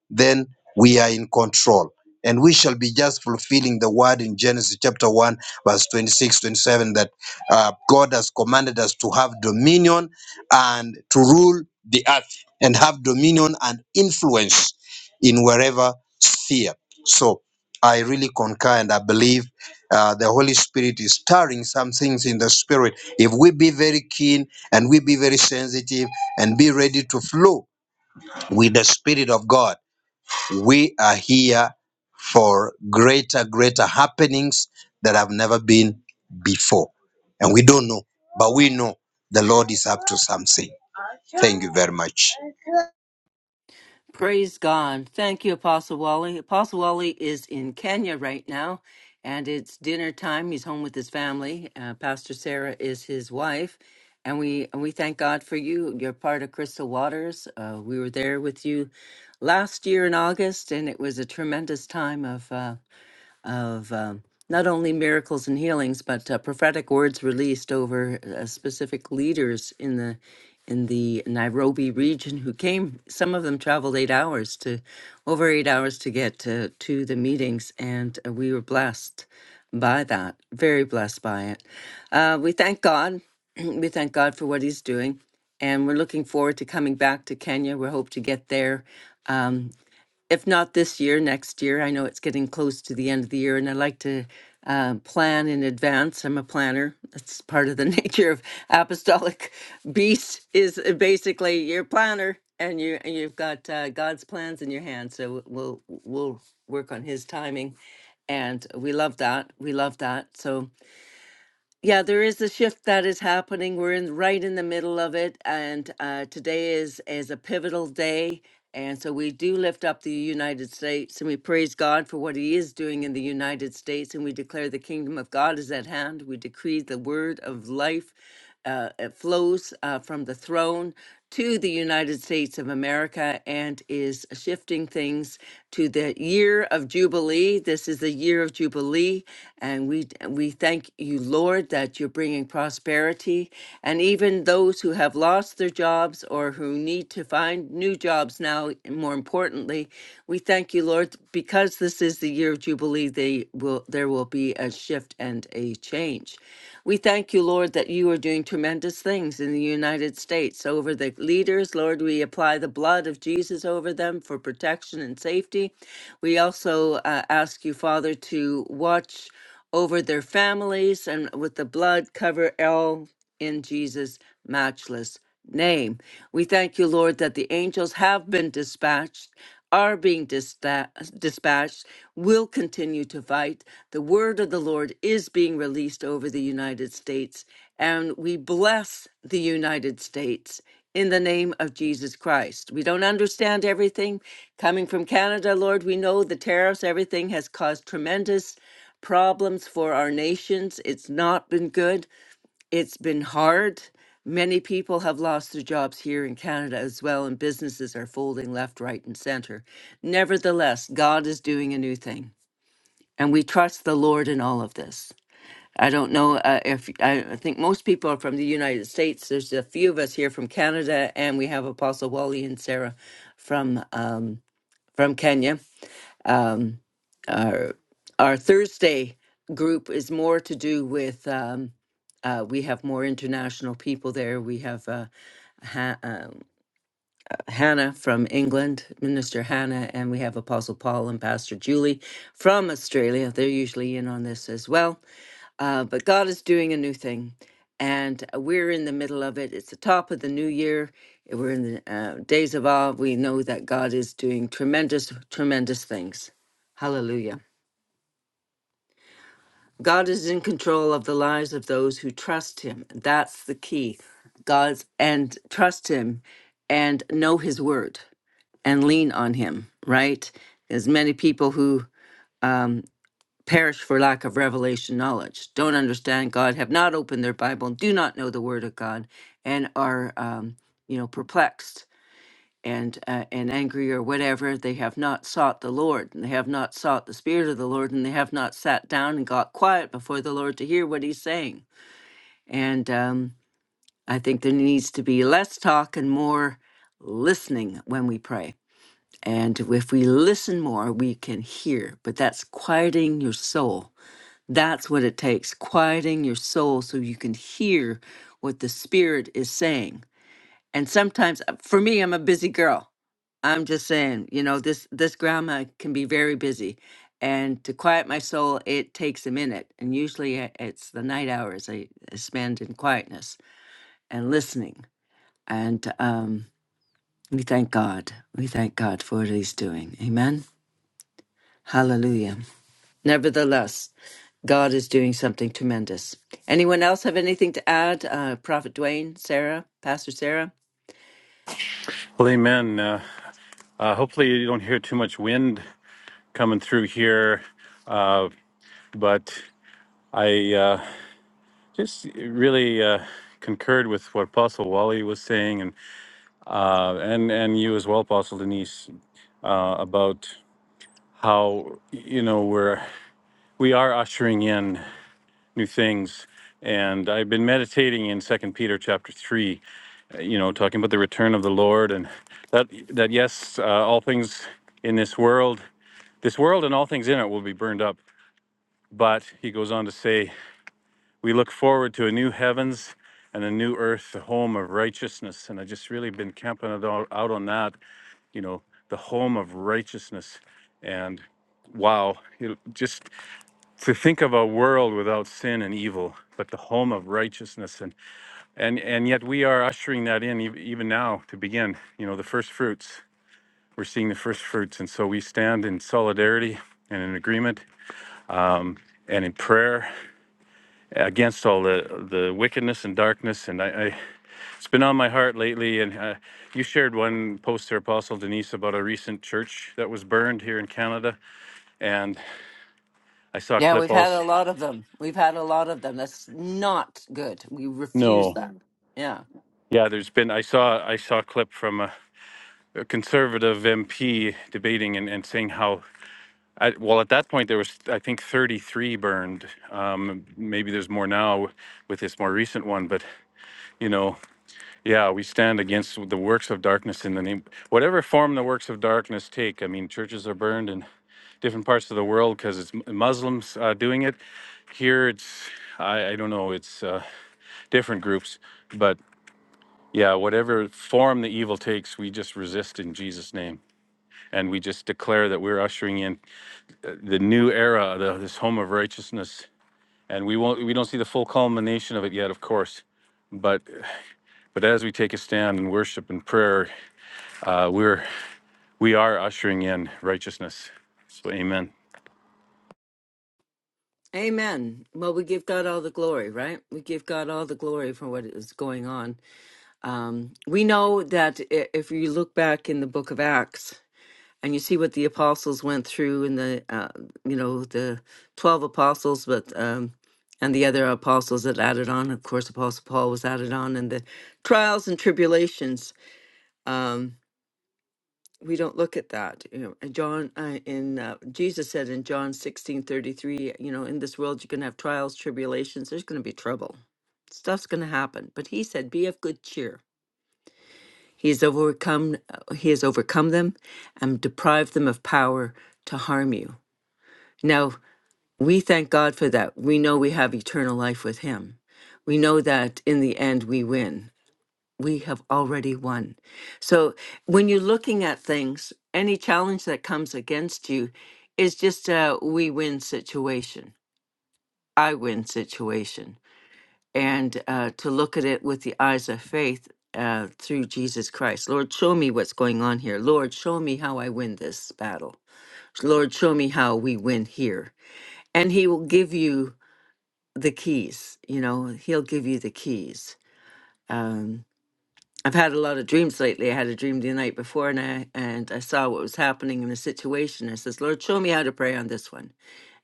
S3: then we are in control. And we shall be just fulfilling the word in Genesis chapter 1, verse 26, 27, that uh, God has commanded us to have dominion and to rule the earth and have dominion and influence in wherever sphere. So I really concur and I believe uh, the Holy Spirit is stirring some things in the spirit. If we be very keen and we be very sensitive and be ready to flow with the Spirit of God, we are here for greater, greater happenings that have never been before. And we don't know, but we know the Lord is up to something. Thank you very much.
S1: Praise God. Thank you, Apostle Wally. Apostle Wally is in Kenya right now, and it's dinner time. He's home with his family. Uh, Pastor Sarah is his wife. And we, and we thank God for you. You're part of Crystal Waters. Uh, we were there with you last year in August, and it was a tremendous time of. uh, of um, not only miracles and healings, but uh, prophetic words released over uh, specific leaders in the in the Nairobi region who came. Some of them traveled eight hours to over eight hours to get to, to the meetings, and uh, we were blessed by that. Very blessed by it. Uh, we thank God. we thank God for what He's doing. And we're looking forward to coming back to Kenya. We hope to get there if not this year, next year. I know it's getting close to the end of the year, and I like to uh, plan in advance. I'm a planner. That's part of the nature of apostolic beast. Is uh, basically you're a planner, and you and you've got uh, God's plans in your hand. So we'll we'll work on His timing, and we love that. We love that. So yeah, there is a shift that is happening. We're in right in the middle of it, and uh, today is is a pivotal day, and so we do lift up the United States, and we praise God for what He is doing in the United States, and we declare the kingdom of God is at hand. We decree the word of life uh, it flows uh, from the throne to the United States of America and is shifting things to the year of Jubilee. This is the year of Jubilee, and we we thank you, Lord, that you're bringing prosperity. And even those who have lost their jobs or who need to find new jobs now, more importantly, we thank you, Lord, because this is the year of Jubilee. They will there will be a shift and a change. We thank you, Lord, that you are doing tremendous things in the United States over the leaders. Lord, we apply the blood of Jesus over them for protection and safety. We also uh, ask you, Father, to watch over their families and with the blood cover all in Jesus' matchless name. We thank you, Lord, that the angels have been dispatched, are being dispa- dispatched, will continue to fight. The word of the Lord is being released over the United States, and we bless the United States. In the name of Jesus Christ. We don't understand everything. Coming from Canada, Lord, we know the tariffs, everything has caused tremendous problems for our nations. It's not been good. It's been hard. Many people have lost their jobs here in Canada as well, and businesses are folding left, right, and center. Nevertheless, God is doing a new thing, and we trust the Lord in all of this. I don't know uh, if I I think most people are from the United States. There's a few of us here from Canada, and we have Apostle Wally and Sarah from um, from Kenya. Um, our our Thursday group is more to do with um, uh, we have more international people there. We have uh, ha- um, Hannah from England, Minister Hannah, and we have Apostle Paul and Pastor Julie from Australia. They're usually in on this as well. Uh, but God is doing a new thing, and uh, we're in the middle of it. It's the top of the new year. We're in the uh, days of awe. We know that God is doing tremendous, tremendous things. Hallelujah. God is in control of the lives of those who trust him. That's the key. God's and trust him and know his word and lean on him, right? There's many people who um, perish for lack of revelation knowledge, don't understand God, have not opened their Bible, do not know the word of God, and are, um, you know, perplexed and uh, and angry or whatever they have not sought the lord and they have not sought the spirit of the lord and they have not sat down and got quiet before the lord to hear what he's saying and um, i think there needs to be less talk and more listening when we pray and if we listen more we can hear but that's quieting your soul that's what it takes quieting your soul so you can hear what the spirit is saying and sometimes uh, for me i'm a busy girl i'm just saying you know this this grandma can be very busy and to quiet my soul it takes a minute and usually i- it's the night hours i I spend in quietness and listening and um we thank god we thank god for what he's doing amen hallelujah nevertheless god is doing something tremendous anyone else have anything to add uh prophet dwayne sarah pastor sarah
S4: Well, amen. Uh, uh, hopefully, you don't hear too much wind coming through here. Uh, but I uh, just really uh, concurred with what Apostle Wally was saying, and uh, and and you as well, Apostle Denise, uh, about how you know we're we are ushering in new things and I've been meditating in Second Peter chapter three. uh, You know, talking about the return of the Lord, and that that yes, uh, all things in this world This world and all things in it will be burned up. But he goes on to say, We look forward to a new heavens and a new earth, the home of righteousness. And I just really been camping it all out on that, you know, the home of righteousness. And wow, it, just to think of a world without sin and evil, but the home of righteousness. And, and, and yet we are ushering that in ev- even now to begin, you know, the first fruits. We're seeing the first fruits. And so we stand in solidarity and in agreement and in prayer against all the the wickedness and darkness. And I, I it's been on my heart lately. And uh, you shared one post to Apostle Denise about a recent church that was burned here in Canada, and I saw a
S1: Yeah,
S4: clip
S1: we've had a
S4: also.
S1: lot of them. We've had a lot of them. That's not good. We refuse
S4: No,
S1: that. Mm. Yeah.
S4: yeah, there's been I saw I saw a clip from a, a conservative MP debating and, and saying how. I, well, at that point there was, I think, 33 burned. Um, maybe there's more now with this more recent one, but you know, Yeah, we stand against the works of darkness in the name, whatever form the works of darkness take. I mean, churches are burned in different parts of the world because it's Muslims uh, doing it. Here, it's I, I don't know, it's uh, different groups, but yeah, whatever form the evil takes, we just resist in Jesus' name, and we just declare that we're ushering in the new era, the, this home of righteousness, and we won't, we don't see the full culmination of it yet, of course, but but as we take a stand in worship and prayer, uh, we're We are ushering in righteousness. So, amen.
S1: Amen. Well, we give God all the glory, right? We give God all the glory for what is going on. Um, we know that i- if you look back in the book of Acts and you see what the apostles went through in the, uh, you know, the 12 apostles, but, um, and the other apostles that added on, of course, Apostle Paul was added on, and the trials and tribulations. Um, we don't look at that you know and john uh, in uh, jesus said in john sixteen thirty three, you know in this world you're going to have trials tribulations there's going to be trouble stuff's going to happen but he said be of good cheer he has overcome uh, he has overcome them and deprived them of power to harm you now we thank god for that we know we have eternal life with him we know that in the end we win we have already won. So when you're looking at things, any challenge that comes against you is just a we win situation, I win situation. And uh, to look at it with the eyes of faith uh, through Jesus Christ. Lord, show me what's going on here. Lord, show me how I win this battle. Lord, show me how we win here. And He will give you the keys, you know, He'll give you the keys. Um, I've had a lot of dreams lately. I had a dream the night before and I and I saw what was happening in the situation. I says, Lord, show me how to pray on this one.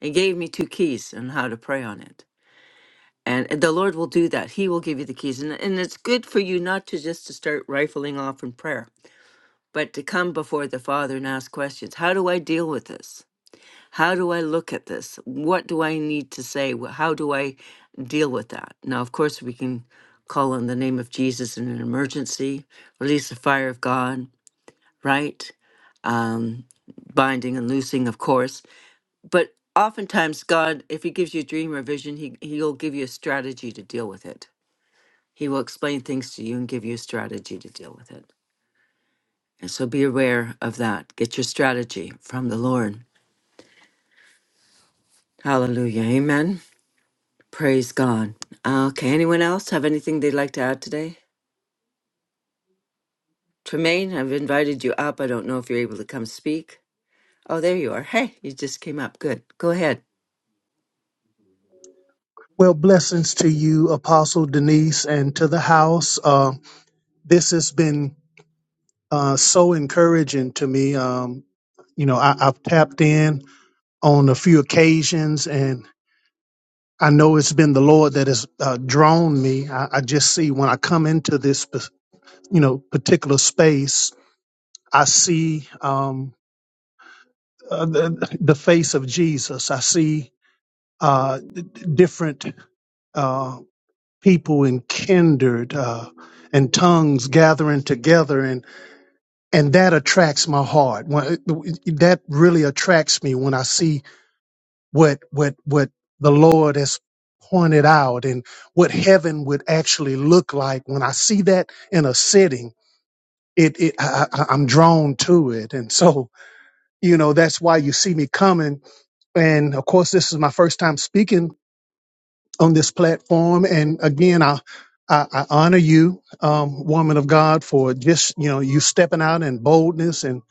S1: And he gave me two keys on how to pray on it. And the Lord will do that. He will give you the keys. And, and it's good for you not to just to start rifling off in prayer, but to come before the Father and ask questions. How do I deal with this? How do I look at this? What do I need to say? Wh- How do I deal with that? Now, of course, we can call on the name of Jesus in an emergency, release the fire of God, right? Um, binding and loosing, of course. But oftentimes, God, if He gives you a dream or a vision, he, He'll give you a strategy to deal with it. He will explain things to you and give you a strategy to deal with it. And so be aware of that. Get your strategy from the Lord. Hallelujah. Amen. Praise God. Okay, anyone else have anything they'd like to add today? Tremaine, I've invited you up. I don't know if you're able to come speak. Oh, there you are. Hey, you just came up. Good. Go ahead.
S5: Well, blessings to you, Apostle Denise, and to the house. Uh, this has been uh, so encouraging to me. Um, you know, I, I've tapped in on a few occasions, and I know it's been the Lord that has uh, drawn me. I, I just see when I come into this, pa- you know, particular space, I see um, uh, the, the face of Jesus. I see uh, d- different. uh, people and kindred uh, and tongues gathering together and and that attracts my heart when, that really attracts me when i see what what what the lord has pointed out and what heaven would actually look like when i see that in a sitting it, it I, I- i'm drawn to it and so you know that's why you see me coming and of course this is my first time speaking on this platform. And again, I I, I honor you, um, woman of God, for just you know you stepping out in boldness and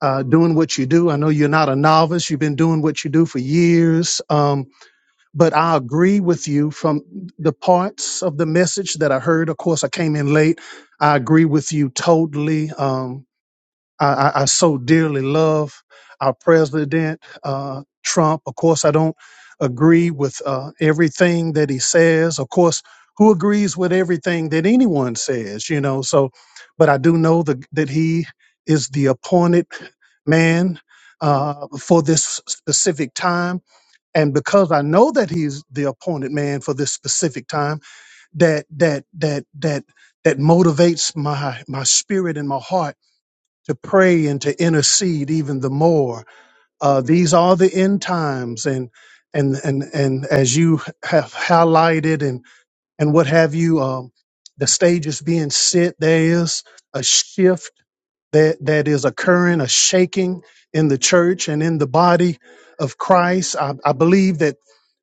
S5: uh, doing what you do. I know you're not a novice; you've been doing what you do for years. Um, but I agree with you from the parts of the message that I heard. Of course, I came in late. I agree with you totally. Um, I, I, I so dearly love our president, uh, Trump. Of course, I don't agree with uh, everything that he says. Of course, who agrees with everything that anyone says, you know? So, but I do know the, that he is the appointed man uh, for this specific time. And because I know that he's the appointed man for this specific time, that, that, that, that, that motivates my, my spirit and my heart to pray and to intercede even the more. Uh, these are the end times, and and and and as you have highlighted and and what have you, um, the stage is being set. There is a shift that that is occurring, a shaking in the church and in the body of Christ. I, I believe that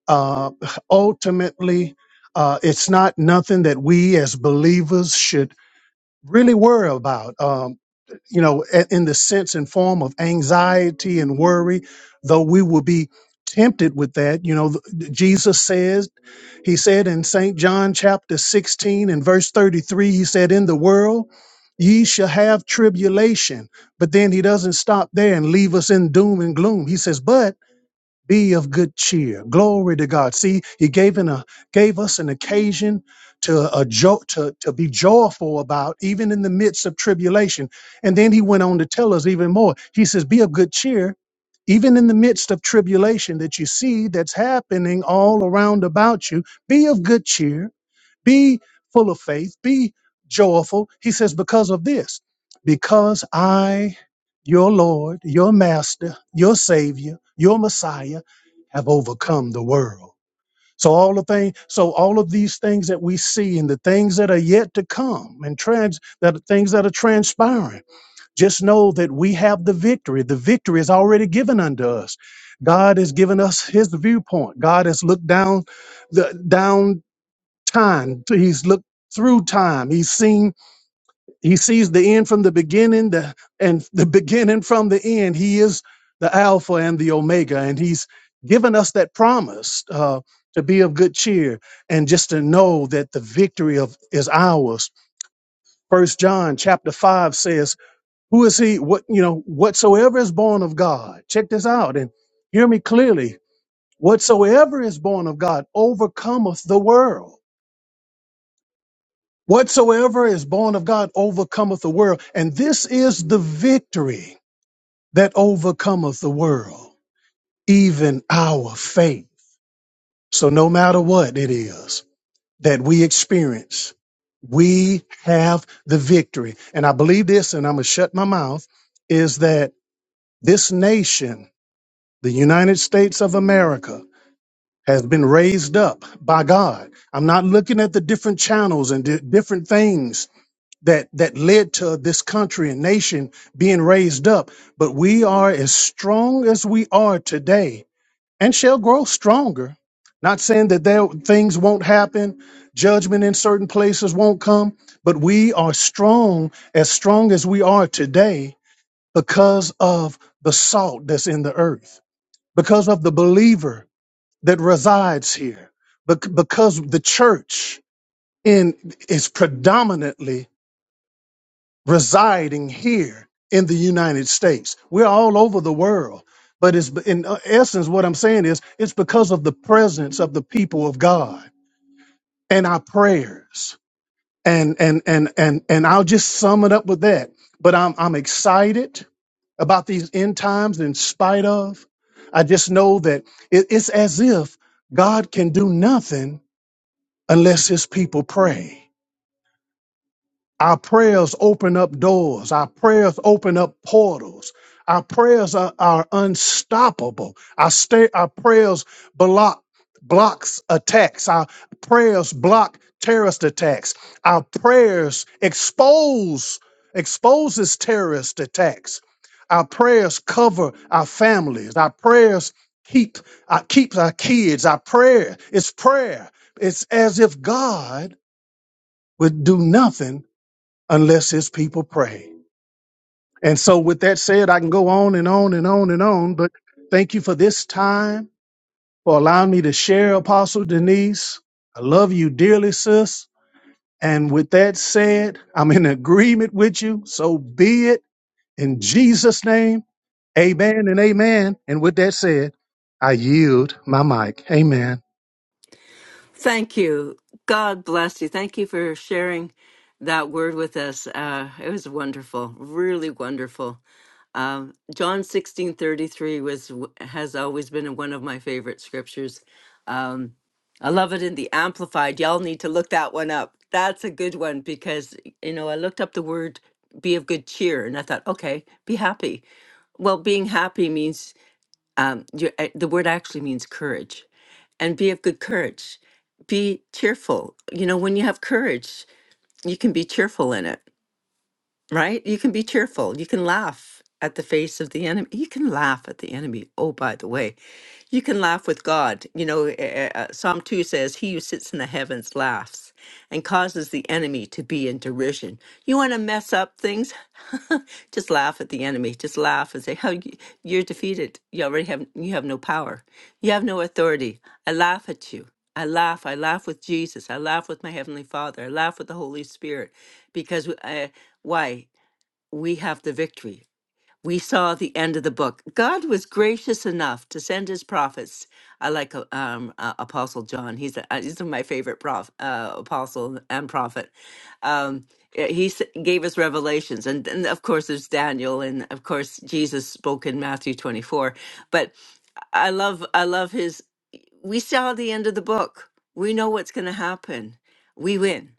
S5: uh, ultimately. Uh, it's not nothing that we as believers should really worry about. Um, you know, a- in the sense and form of anxiety and worry, though we will be tempted with that. You know, th- Jesus says, He said in St. John chapter 16 and verse 33, He said, In the world, ye shall have tribulation. But then He doesn't stop there and leave us in doom and gloom. He says, But be of good cheer. Glory to God. See, He gave an, a, gave us an occasion to a jo- to to be joyful about, even in the midst of tribulation. And then He went on to tell us even more. He says, "Be of good cheer." Even in the midst of tribulation that you see that's happening all around about you, be of good cheer be full of faith, be joyful. He says, because of this, because I, your Lord, your Master, your Savior, your Messiah, have overcome the world. So all the thing, so all of these things that we see and the things that are yet to come and trans that are things that are transpiring, just know that we have the victory. The victory is already given unto us. God has given us his viewpoint. God has looked down the down time. He's looked through time. He's seen, he sees the end from the beginning, the and the beginning from the end. He is the Alpha and the Omega, and he's given us that promise uh, to be of good cheer and just to know that the victory of is ours. First John chapter five says, Who is he? What you know, whatsoever is born of God. Check this out and hear me clearly. Whatsoever is born of God overcometh the world. Whatsoever is born of God overcometh the world. And this is the victory that overcometh the world, even our faith. So no matter what it is that we experience, we have the victory. And I believe this, and I'm going to shut my mouth, is that this nation, the United States of America, has been raised up by God. I'm not looking at the different channels and di- different things that that led to this country and nation being raised up. But we are as strong as we are today and shall grow stronger. Not saying that there things won't happen, judgment in certain places won't come, but we are strong as strong as we are today because of the salt that's in the earth, because of the believer that resides here, bec- because the church in is predominantly residing here in the United States. We're all over the world. But it's in essence what I'm saying is it's because of the presence of the people of God and our prayers. And and and and and I'll just sum it up with that. But I'm I'm excited about these end times in spite of. I just know that it, it's as if God can do nothing unless his people pray. Our prayers open up doors. Our prayers open up portals. Our prayers are, are unstoppable. Our, sta- our prayers block blocks attacks. Our prayers block terrorist attacks. Our prayers expose exposes terrorist attacks. Our prayers cover our families. Our prayers keep our, keeps our kids. Our prayer is prayer. It's as if God would do nothing unless his people pray. And so, with that said, I can go on and on and on and on, but thank you for this time, for allowing me to share, Apostle Denise. I love you dearly, sis. And with that said, I'm in agreement with you. So be it in Jesus' name. Amen and amen. And with that said, I yield my mic. Amen.
S1: Thank you. God bless you. Thank you for sharing that word with us. Uh, it was wonderful, really wonderful. Um, John sixteen thirty three was has always been one of my favorite scriptures. Um, I love it in the Amplified. Y'all need to look that one up. That's a good one because you know I looked up the word "be of good cheer" and I thought, okay, be happy. Well, being happy means um, your, uh, the word actually means courage and be of good courage be cheerful you know when you have courage you can be cheerful in it right you can be cheerful you can laugh at the face of the enemy you can laugh at the enemy oh by the way you can laugh with god you know uh, uh, psalm 2 says he who sits in the heavens laughs and causes the enemy to be in derision. You want to mess up things? Just laugh at the enemy. Just laugh and say, "Oh, you- you're defeated. You already have you have no power. You have no authority. I laugh at you. I laugh. I laugh with Jesus. I laugh with my heavenly Father. I laugh with the Holy Spirit, because we- I, why we have the victory we saw the end of the book. God was gracious enough to send his prophets. I like uh, um, uh, Apostle John. He's a, uh, he's my favorite prof, uh, apostle and prophet. Um, uh, he s- gave us revelations, and, and of course there's Daniel, and of course Jesus spoke in Matthew 24. But I love I love his. We saw the end of the book. We know what's going to happen. We win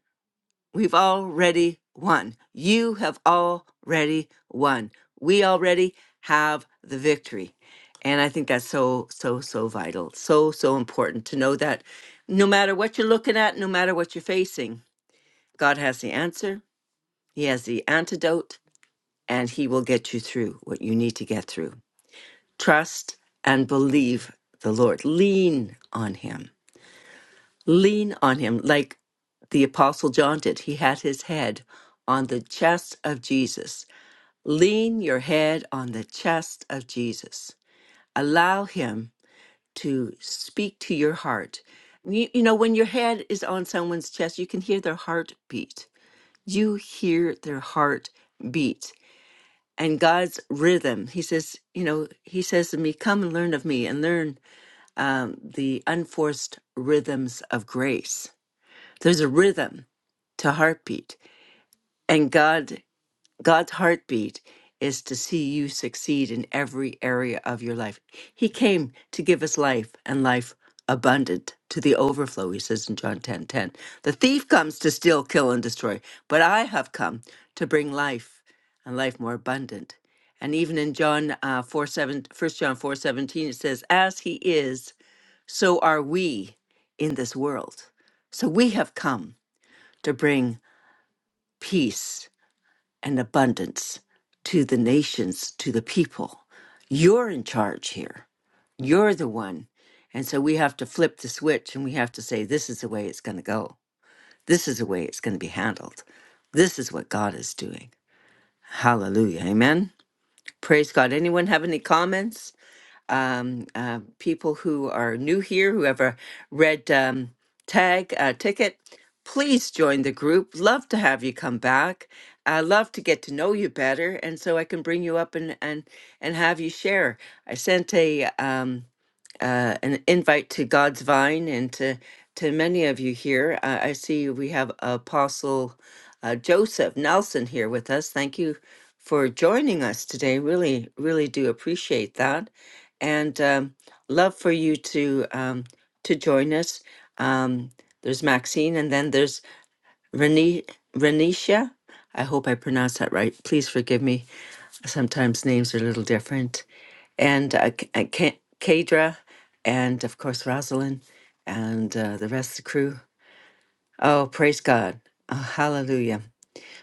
S1: We've already won. You have already won. We already have the victory. And I think that's so, so, so vital. So, so important to know that no matter what you're looking at, no matter what you're facing, God has the answer, He has the antidote, and He will get you through what you need to get through. Trust and believe the Lord, lean on Him lean on him like the apostle John did. He had his head on the chest of Jesus. Lean your head on the chest of Jesus. Allow him to speak to your heart. You, you know, when your head is on someone's chest, you can hear their heartbeat. You hear their heart beat and God's rhythm. He says, you know, he says to me, come and learn of me and learn um, the unforced rhythms of grace there's a rhythm to heartbeat, and God God's heartbeat is to see you succeed in every area of your life. He came to give us life and life abundant to the overflow, he says in John 10:10. The thief comes to steal, kill, and destroy, but I have come to bring life and life more abundant. And even in John uh, 4, 7, first John 4 17, it says, As he is, so are we in this world. So we have come to bring peace and abundance to the nations, to the people. You're in charge here. You're the one. And so we have to flip the switch and we have to say, this is the way it's going to go. This is the way it's going to be handled. This is what God is doing. Hallelujah. Amen. Praise God. Anyone have any comments? um, uh, people who are new here, who have a red um, tag uh, ticket, please join the group. Love to have you come back. I love to get to know you better, and so I can bring you up and and and have you share. I sent a um, uh, an invite to God's Vine and to to many of you here. Uh, I see we have Apostle uh, Joseph Nelson here with us. Thank you for joining us today. Really, really do appreciate that, and um, love for you to um, to join us. Um, there's Maxine, and then there's Reni Renisha. I hope I pronounced that right. Please forgive me Sometimes names are a little different. And uh, K- uh, K- Kadra, and of course, Rosalind, and uh, the rest of the crew. Oh, praise God. Oh, hallelujah.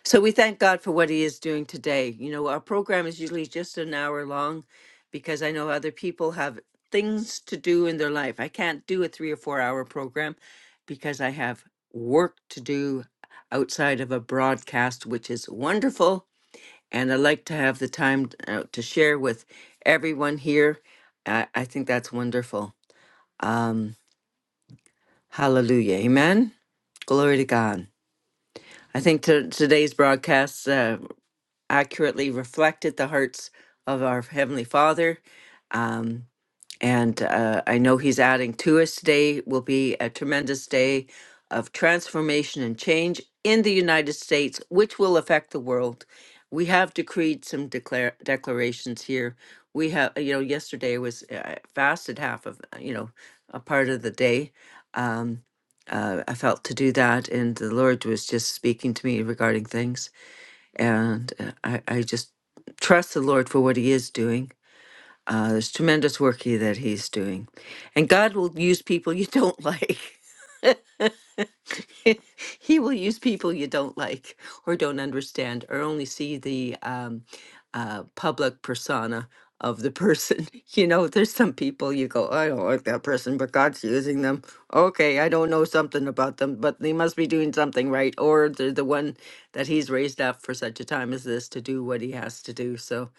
S1: So we thank God for what He is doing today. You know, our program is usually just an hour long because I know other people have things to do in their life. I can't do a three or four hour program because I have work to do outside of a broadcast, which is wonderful and I like to have the time uh, to share with everyone here. I, I think that's wonderful. Um, hallelujah. Amen. Glory to God. I think to, today's broadcast uh, accurately reflected the hearts of our Heavenly Father. Um, And uh, I know he's adding to us today will be a tremendous day of transformation and change in the United States, which will affect the world. We have decreed some declare, declarations here. We have, you know, yesterday was uh, I fasted half of, uh, you know, a part of the day. Um, uh, I felt to do that, and the Lord was just speaking to me regarding things, and uh, I, I just trust the Lord for what He is doing uh, there's tremendous work he, that he's doing. And God will use people you don't like. he will use people you don't like or don't understand or only see the um, uh, public persona of the person. You know, there's some people you go, I don't like that person, but God's using them. Okay, I don't know something about them, but they must be doing something right. Or they're the one that he's raised up for such a time as this to do what he has to do. So,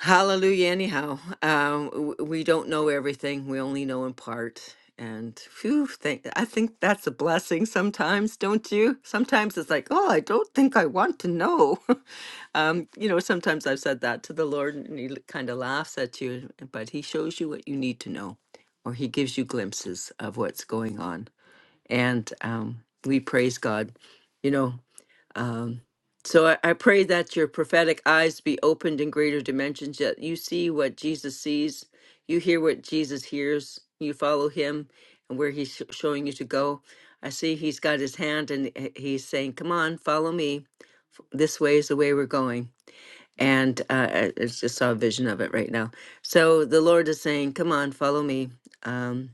S1: Hallelujah. Anyhow, um, w- we don't know everything. We only know in part. And phew, thank, I think that's a blessing sometimes, don't you? Sometimes it's like, oh, I don't think I want to know. um, you know, sometimes I've said that to the Lord and he kind of laughs at you, but he shows you what you need to know or he gives you glimpses of what's going on. And um, we praise God. You know, um, so I, I pray that your prophetic eyes be opened in greater dimensions, that you see what Jesus sees, you hear what Jesus hears, you follow him and where he's sh- showing you to go. I see he's got his hand and h- he's saying, Come on, follow me. This way is the way we're going. And uh, I I just saw a vision of it right now. So the Lord is saying, Come on, follow me. Um,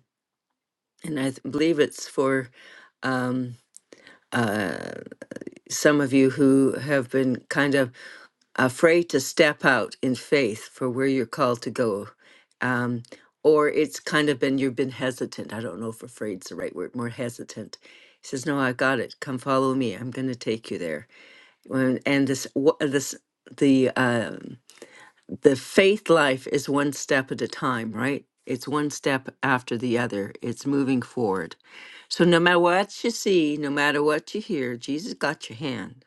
S1: and I th- believe it's for um, uh, some of you who have been kind of afraid to step out in faith for where you're called to go. Um, or it's kind of been, you've been hesitant. I don't know if afraid's the right word, more hesitant. He says, No, I got it. Come follow me. I'm going to take you there. When- And this, wha- this, the um, the faith life is one step at a time, right? It's one step after the other. It's moving forward. So no matter what you see, no matter what you hear, Jesus got your hand,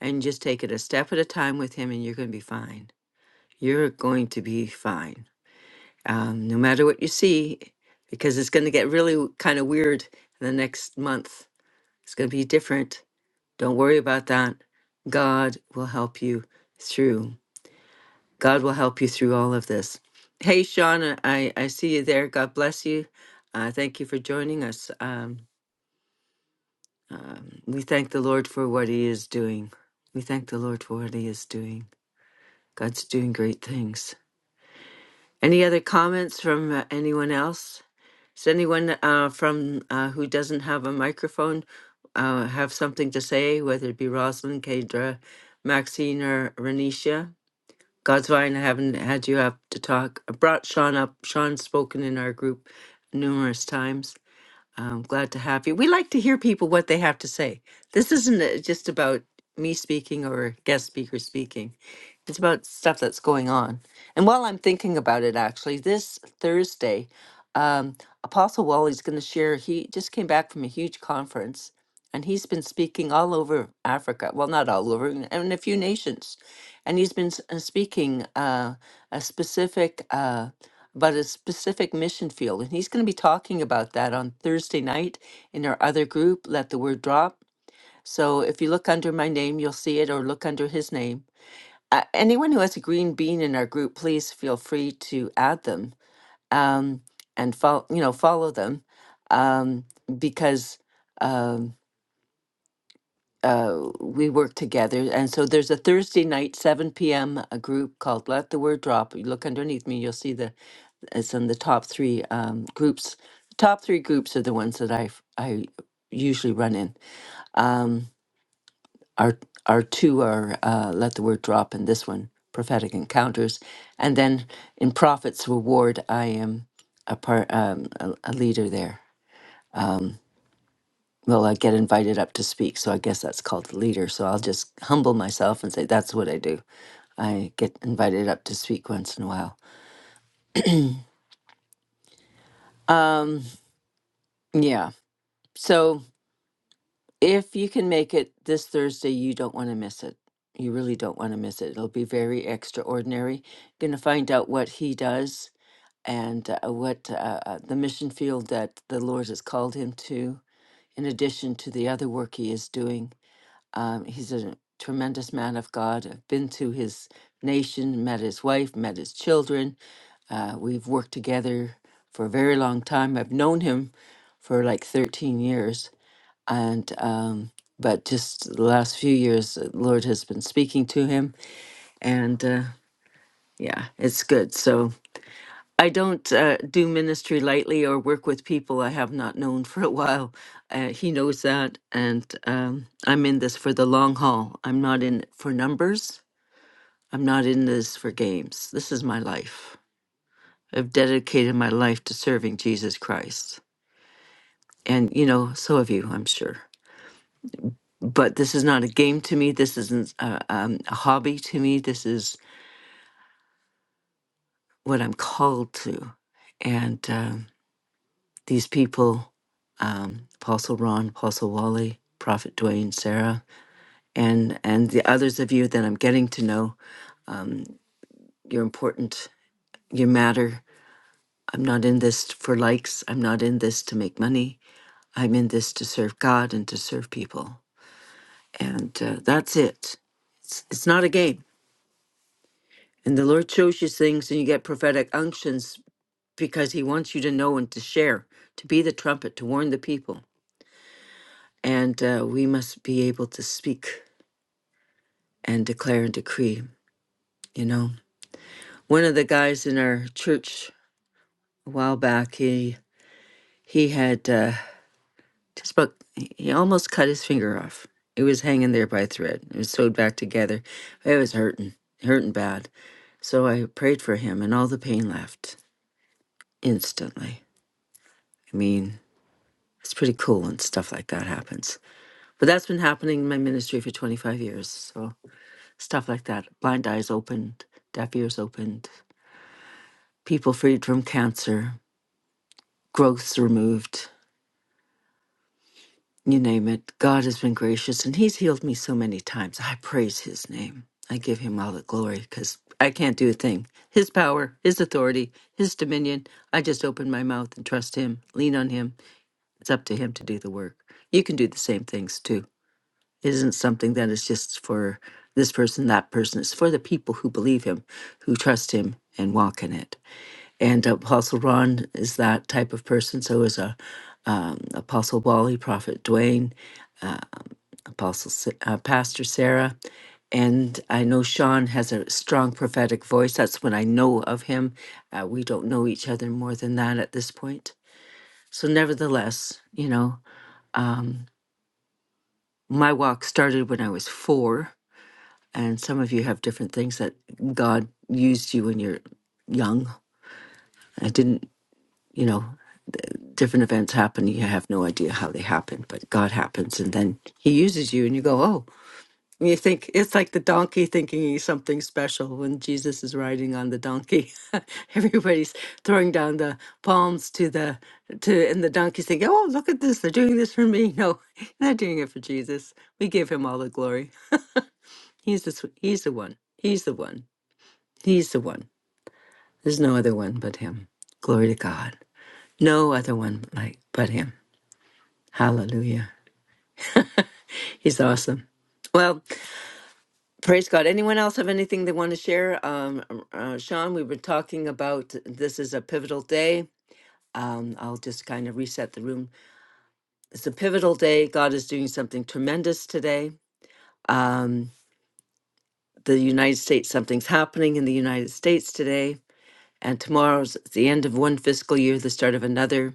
S1: and just take it a step at a time with Him, and you're going to be fine you're going to be fine, um, no matter what you see, because it's going to get really kind of weird in the next month. It's going to be different. Don't worry about that. God will help you through. God will help you through all of this. Hey, Sean, I, I see you there. God bless you. Uh, thank you for joining us. Um, um, we thank the Lord for what He is doing. We thank the Lord for what He is doing. God's doing great things. Any other comments from uh, anyone else? Does anyone uh, from uh, who doesn't have a microphone uh, have something to say, whether it be Rosalind, Kendra, Maxine, or Renisha? God's Vine, I haven't had you up to talk. I brought Sean up. Sean's spoken in our group numerous times. I'm glad to have you. We like to hear people what they have to say. This isn't uh, just about me speaking or guest speaker speaking. It's about stuff that's going on. And while I'm thinking about it, actually, this Thursday, um, Apostle Wally's going to share. He just came back from a huge conference, and he's been speaking all over Africa. Well, not all over, in in a few nations, and he's been s- uh, speaking uh, a specific. Uh, about a specific mission field. And he's going to be talking about that on Thursday night in our other group, Let the Word Drop. So if you look under my name, you'll see it, or look under his name. Uh, anyone who has a green bean in our group, please feel free to add them um, and follow, you know, follow them um, because um, uh, we work together. And so there's a Thursday night, 7 p.m. a group called Let the Word Drop. You look underneath me, you'll see the it's in the top three um, groups. Top three groups are the ones that I f- I usually run in. Um, our our two are uh, let the word drop, and this one prophetic encounters, and then in prophets reward I am a part um, a, a leader there. Um, well, I get invited up to speak, so I guess that's called the leader. So I'll just humble myself and say that's what I do. I get invited up to speak once in a while. Um, yeah. So If you can make it this Thursday, you don't want to miss it. You really don't want to miss it. It'll be very extraordinary. Going to find out what he does and uh, what uh, uh, the mission field that the Lord has called him to, in addition to the other work he is doing. Um, he's a tremendous man of God. I've been to his nation, met his wife, met his children. Uh, we've worked together for a very long time. I've known him for like 13 years and um, but just the last few years the lord has been speaking to him and uh, yeah it's good so i don't uh, do ministry lightly or work with people i have not known for a while uh, he knows that and um, i'm in this for the long haul i'm not in it for numbers i'm not in this for games this is my life i've dedicated my life to serving jesus christ and you know so have you i'm sure but this is not a game to me. This isn't a, um, a hobby to me. This is what I'm called to. And um, these people, um, Apostle Ron, Apostle Wally, Prophet Dwayne, Sarah, and and the others of you that I'm getting to know, um, you're important. You matter. I'm not in this for likes. I'm not in this to make money. I'm in this to serve God and to serve people. And uh, that's it. It's, it's not a game And the Lord shows you things and you get prophetic unctions because He wants you to know and to share, to be the trumpet, to warn the people. And uh, we must be able to speak and declare and decree, you know. One of the guys in our church a while back, he he had uh, just about, he almost cut his finger off. It was hanging there by a thread. It was sewed back together. It was hurting, hurting bad. So I prayed for him and all the pain left instantly. I mean, It's pretty cool when stuff like that happens. But that's been happening in my ministry for 25 years. So stuff like that blind eyes opened, deaf ears opened, people freed from cancer, growths removed, you name it. God has been gracious and He's healed me so many times. I praise His name. I give Him all the glory because I can't do a thing. His power, His authority, His dominion. I just open my mouth and trust Him, lean on Him. It's up to Him to do the work. You can do the same things too It isn't something that is just for this person, that person. It's for the people who believe him, who trust him, and walk in it. And Apostle Ron is that type of person. So is a um, Apostle Wally, Prophet Dwayne, uh, Apostle Sa- uh, Pastor Sarah. And I know Sean has a strong prophetic voice. That's what I know of him. Uh, we don't know each other more than that at this point. So, nevertheless, you know, um, my walk started when I was four and some of you have different things that God used you when you're young. I didn't, you know, different events happen. You have no idea how they happen, but God happens, and then He uses you, and you go, oh. And you think it's like the donkey thinking he's something special when Jesus is riding on the donkey. Everybody's throwing down the palms to the to, and the donkey's thinking, oh, look at this, they're doing this for me. No, they're not doing it for Jesus. We give Him all the glory. He's the sw- He's the one. He's the one. He's the one. There's no other one but him. Glory to God. No other one like but him. Hallelujah. He's awesome. Well, praise God. Anyone else have anything they want to share? Um, uh, Sean, we were talking about this is a pivotal day. Um, I'll just kind of reset the room. It's a pivotal day. God is doing something tremendous today. Um, the United States, something's happening in the United States today And tomorrow's the end of one fiscal year, the start of another.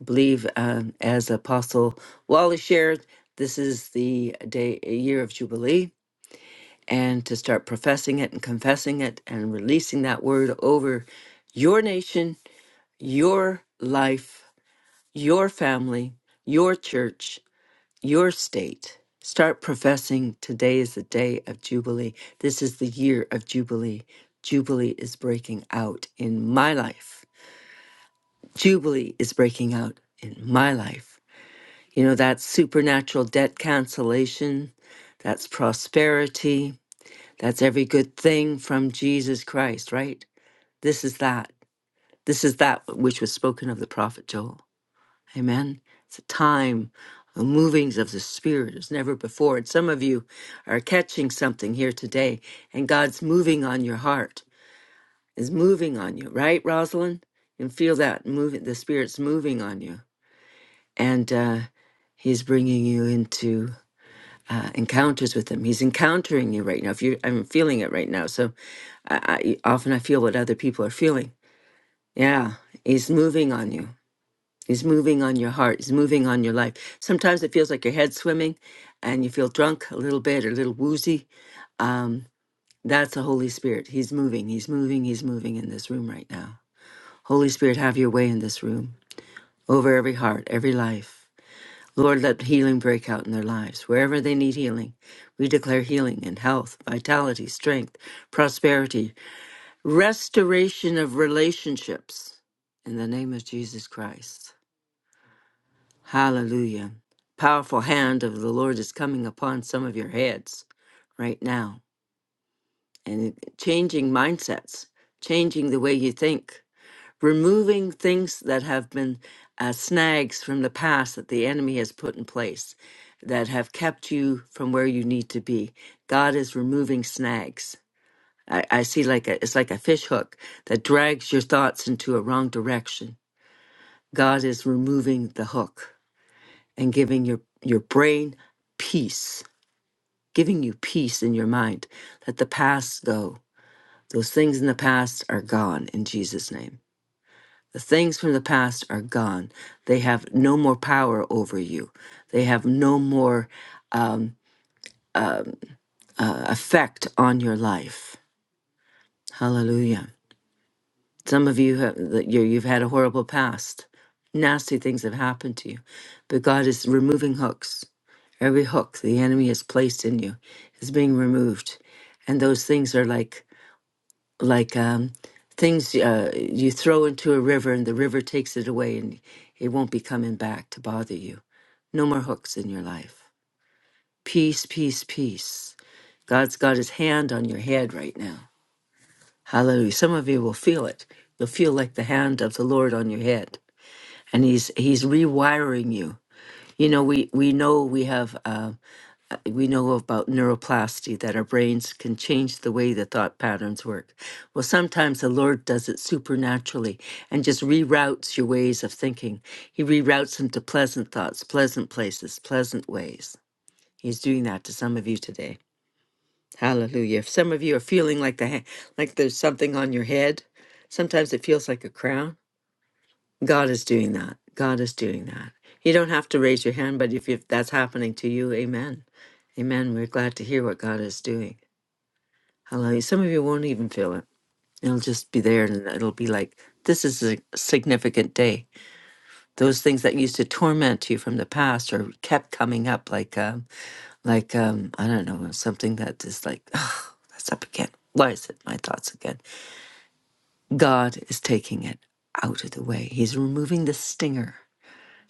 S1: I believe, um, as Apostle Wally shared, this is the day, a year of Jubilee, and to start professing it and confessing it and releasing that word over your nation, your life, your family, your church, your state. Start professing today is the day of Jubilee. This is the year of Jubilee. Jubilee is breaking out in my life Jubilee is breaking out in my life. You know, that's supernatural debt cancellation, that's prosperity, that's every good thing from Jesus Christ, right? This is that. This is that which was spoken of the prophet Joel. Amen. It's a time of movings of the Spirit as never before. And some of you are catching something here today, and God's moving on your heart, is moving on you, right, Rosalind? And feel that moving, the Spirit's moving on you. and uh, he's bringing you into uh, encounters with him. He's encountering you right now. If you, I'm feeling it right now. So I, I often I feel what other people are feeling. Yeah, he's moving on you. He's moving on your heart. He's moving on your life. Sometimes it feels like your head's swimming, and you feel drunk a little bit or a little woozy. Um, that's the Holy Spirit. He's moving. He's moving. He's moving in this room right now. Holy Spirit, have your way in this room over every heart, every life. Lord, let healing break out in their lives. Wherever they need healing, we declare healing and health, vitality, strength, prosperity, restoration of relationships in the name of Jesus Christ. Hallelujah. Powerful hand of the Lord is coming upon some of your heads right now and changing mindsets, changing the way you think. removing things that have been uh, snags from the past that the enemy has put in place that have kept you from where you need to be. God is removing snags. I, I see like a, it's like a fish hook that drags your thoughts into a wrong direction. God is removing the hook and giving your, your brain peace, giving you peace in your mind. Let the past go. Those things in the past are gone in Jesus' name. The things from the past are gone. They have no more power over you. They have no more um, um, uh, effect on your life. Hallelujah. Some of you have that you- you've had a horrible past. Nasty things have happened to you, but God is removing hooks. Every hook the enemy has placed in you is being removed, and those things are like like um, things uh, you throw into a river and the river takes it away and it won't be coming back to bother you. No more hooks in your life. Peace, peace, peace. God's got his hand on your head right now. Hallelujah. Some of you will feel it. You'll feel like the hand of the Lord on your head. And he's he's rewiring you. You know, we, we know we have uh, we know about neuroplasty that our brains can change the way the thought patterns work. Well, sometimes the Lord does it supernaturally and just reroutes your ways of thinking. He reroutes them to pleasant thoughts, pleasant places, pleasant ways. He's doing that to some of you today. Hallelujah. If some of you are feeling like the ha- like there's something on your head, sometimes it feels like a crown. God is doing that. God is doing that. You don't have to raise your hand, but if, if that's happening to you, amen. Amen. We're glad to hear what God is doing. Hallelujah. Some of you won't even feel it. It'll just be there and it'll be like, this is a significant day. Those things that used to torment you from the past or kept coming up, like, um, like um, I don't know, something that is like, oh, that's up again. Why is it my thoughts again? God is taking it out of the way. He's removing the stinger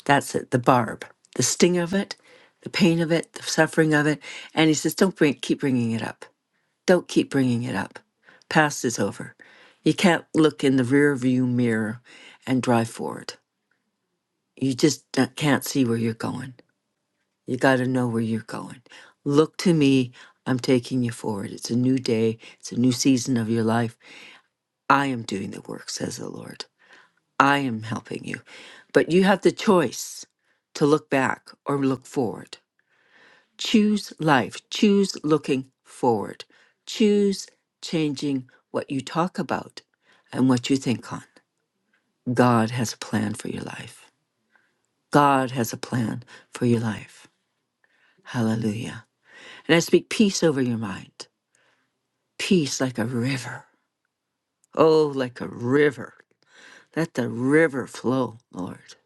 S1: That's it, the barb, the sting of it, the pain of it, the suffering of it. And he says, don't bring, keep bringing it up. Don't keep bringing it up. Past is over. You can't look in the rear view mirror and drive forward. You just not can't see where you're going. You got to know where you're going. Look to me. I'm taking you forward. It's a new day. It's a new season of your life. I am doing the work, says the Lord. I am helping you. But you have the choice to look back or look forward Choose life. Choose looking forward. Choose changing what you talk about and what you think on. God has a plan for your life. God has a plan for your life. Hallelujah. And I speak peace over your mind. Peace like a river. Oh, like a river. Let the river flow, Lord.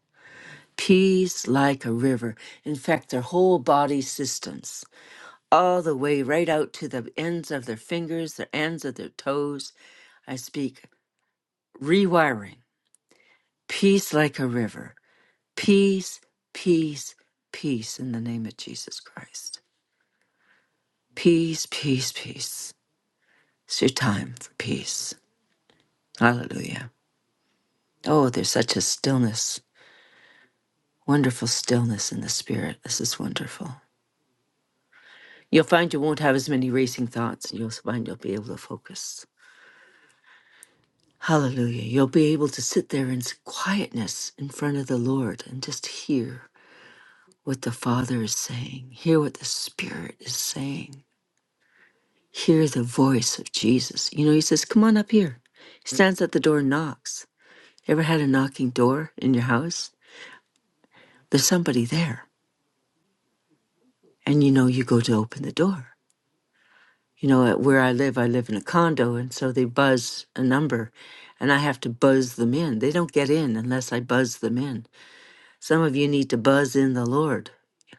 S1: Peace like a river. In fact, their whole body systems all the way right out to the ends of their fingers, the ends of their toes. I speak rewiring, peace like a river, peace, peace, peace in the name of Jesus Christ. Peace, peace, peace. It's your time for peace. Hallelujah. Oh, there's such a stillness, wonderful stillness in the spirit. This is wonderful. You'll find you won't have as many racing thoughts, and you'll find you'll be able to focus. Hallelujah. You'll be able to sit there in quietness in front of the Lord and just hear what the Father is saying, hear what the Spirit is saying, hear the voice of Jesus. You know, He says, Come on up here. He stands at the door and knocks. Ever had a knocking door in your house? There's somebody there. And you know, you go to open the door. You know, at where I live, I live in a condo, and so they buzz a number, and I have to buzz them in. They don't get in unless I buzz them in. Some of you need to buzz in the Lord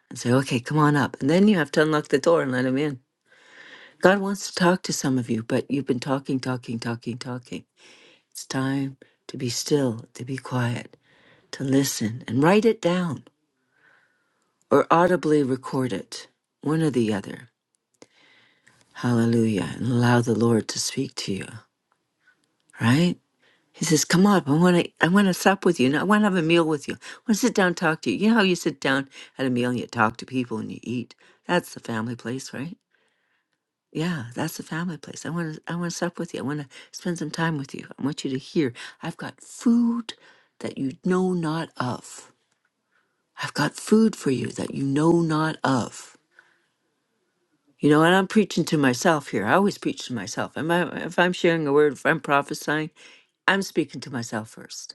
S1: and say, okay, come on up. And then you have to unlock the door and let him in. God wants to talk to some of you, but you've been talking, talking, talking, talking. It's time to be still, to be quiet, to listen and write it down or audibly record it, one or the other. Hallelujah. And allow the Lord to speak to you, right? He says, "Come up. I want to. I want to sup with you. And I want to have a meal with you. I want to sit down, and talk to you. You know how you sit down at a meal and you talk to people and you eat. That's the family place, right? Yeah, that's the family place. I want to. I want to sup with you. I want to spend some time with you. I want you to hear. I've got food that you know not of. I've got food for you that you know not of. You know, and I'm preaching to myself here. I always preach to myself. Am I, if I'm sharing a word, if I'm prophesying, I'm speaking to myself first.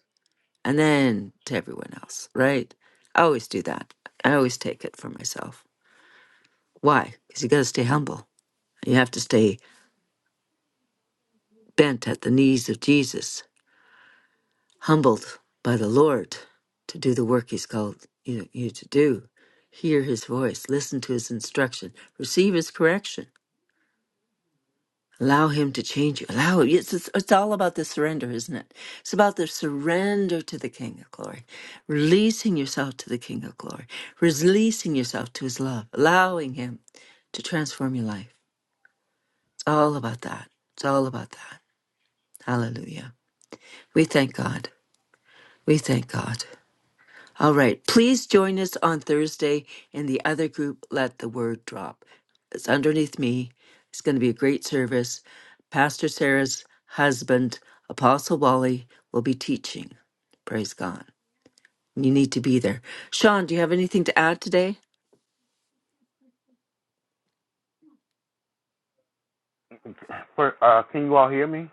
S1: and then to everyone else, right? I always do that. I always take it for myself. Why? Because you got to stay humble. You have to stay bent at the knees of Jesus, humbled by the Lord to do the work He's called you, you to do. Hear His voice, listen to His instruction, receive His correction Allow Him to change you. Allow Him. It's, it's, it's all about the surrender, isn't it? It's about the surrender to the King of Glory, releasing yourself to the King of Glory, releasing yourself to His love, allowing Him to transform your life. It's all about that. It's all about that. Hallelujah. We thank God. We thank God. All right. Please join us on Thursday in the other group, Let the Word Drop. It's underneath me. It's going to be a great service. Pastor Sarah's husband, Apostle Wally, will be teaching. Praise God. You need to be there. Sean, do you have anything to add today?
S6: uh, can you all hear me?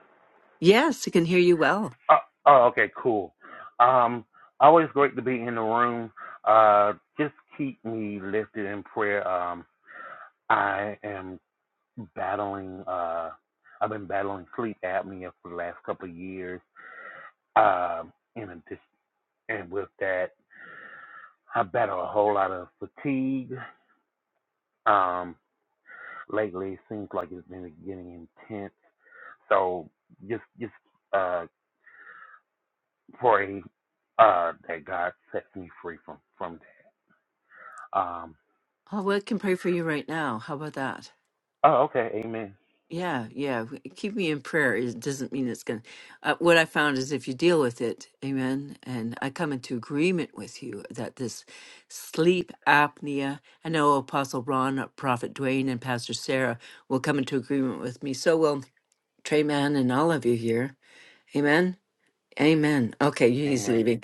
S1: Yes, I can hear you well.
S6: Uh, oh, okay, cool. Um, always great to be in the room. Uh, just keep me lifted in prayer. Um, I am battling. Uh, I've been battling sleep apnea for the last couple of years. Um, in addition, and with that, I battle a whole lot of fatigue. Um, lately, it seems like it's been getting intense. So just, just. uh, for a uh that God sets me free from from that. Um
S1: Oh, well, I can pray for you right now. How about that?
S6: oh okay, amen.
S1: Yeah, yeah. w- Keep me in prayer. It doesn't mean it's going to. Uh, what I found is if you deal with it, amen. And I come into agreement with you that this sleep apnea, I know Apostle Ron, uh, Prophet Dwayne, and Pastor Sarah will come into agreement with me. So will Trey Mann and all of you here. Amen. Amen. Okay, he's
S6: Amen.
S1: leaving.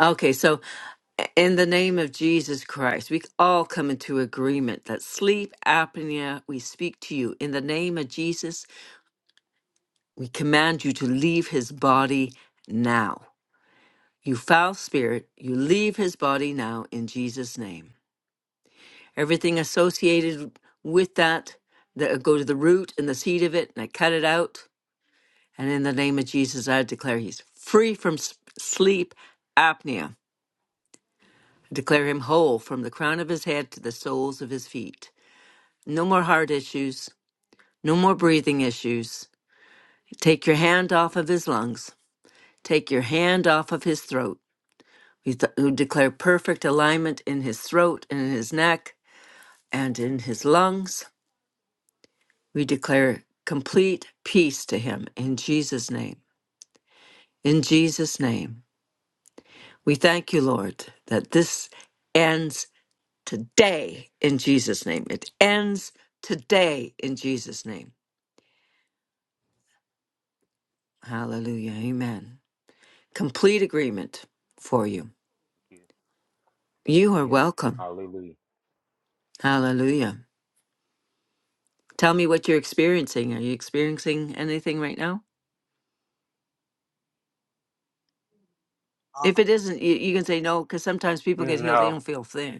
S1: Okay, so uh, in the name of Jesus Christ, we all come into agreement that sleep apnea, we speak to you in the name of Jesus we command you to leave his body now. You foul spirit, you leave his body now in Jesus' name. Everything associated with that, that I go to the root and the seed of it, and I cut it out. And in the name of Jesus, I declare he's free from s- sleep apnea. I declare him whole from the crown of his head to the soles of his feet. No more heart issues, no more breathing issues. Take your hand off of his lungs. Take your hand off of his throat. We th- who declare perfect alignment in his throat and in his neck and in his lungs. We declare complete peace to him in Jesus' name. In Jesus' name. We thank you, Lord, that this ends today in Jesus' name. It ends today in Jesus' name. Hallelujah. Amen. Complete agreement for you.
S6: Yes,
S1: You are
S6: Yes.
S1: welcome.
S6: hallelujah.
S1: Hallelujah. Tell me what you're experiencing. Are you experiencing anything right now? If it isn't, you, you can say no because sometimes people get healed, they
S6: No.
S1: don't feel thin.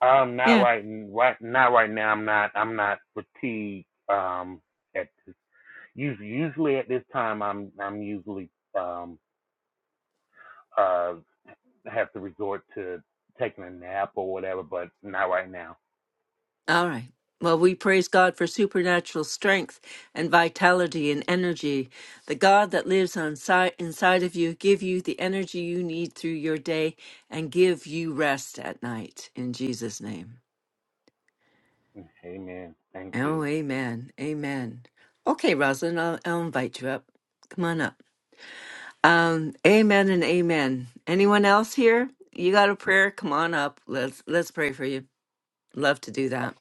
S6: Um not
S1: Yeah.
S6: right right not right now. I'm not I'm not fatigued um at this usually usually at this time I'm I'm usually um uh have to resort to taking a nap or whatever, but not right now.
S1: All right. Well, we praise God for supernatural strength and vitality and energy. The God that lives on si- inside of you give you the energy you need through your day and give you rest at night in Jesus' name.
S6: Amen. Thank you.
S1: Oh, amen. Amen. Okay, Rosalind, I'll, I'll invite you up. Come on up. Um, amen and amen. Anyone else here? You got a prayer? Come on up. Let's let's pray for you. Love to do that.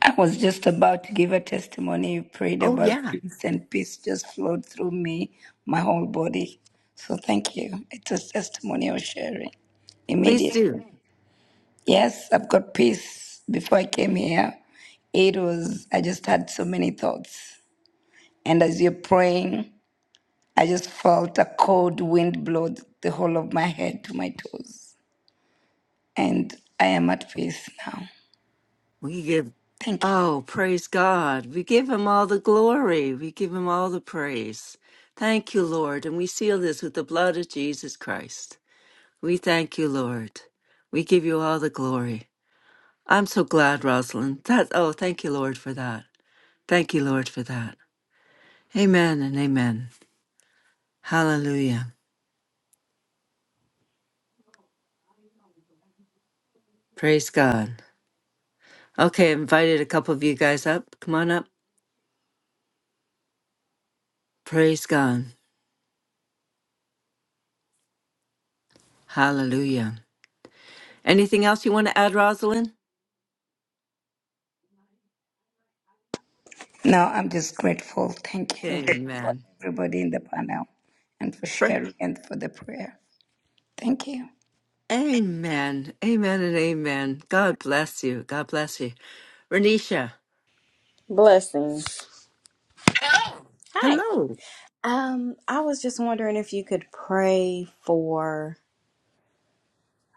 S7: I was just about to give a testimony. You prayed
S1: Oh,
S7: about
S1: yeah.
S7: peace, and peace just flowed through me, my whole body. So thank you. It's a testimonial sharing
S1: Please do.
S7: immediately. Yes, I've got peace. Before I came here, it was, I just had so many thoughts. And as you're praying, I just felt a cold wind blow the whole of my head to my toes. And I am at peace now.
S1: We give,
S7: Thank you.
S1: oh, praise God. We give him all the glory. We give him all the praise. Thank you, Lord. And we seal this with the blood of Jesus Christ. We thank you, Lord. We give you all the glory. I'm so glad, Rosalind. That, oh, thank you, Lord, for that. Thank you, Lord, for that. Amen and amen. Hallelujah. Praise God. Okay, I invited a couple of you guys up. Come on up. Praise God. Hallelujah. Anything else you want to add, Rosalind?
S7: No, I'm just grateful. Thank you for
S1: Amen.
S7: everybody in the panel and for
S1: Pra-
S7: sharing and for the prayer. Thank you.
S1: Amen. Amen and amen. God bless you. God bless you. Renisha,
S8: Blessings. Hi.
S1: hello.
S8: Um, I was just wondering if you could pray for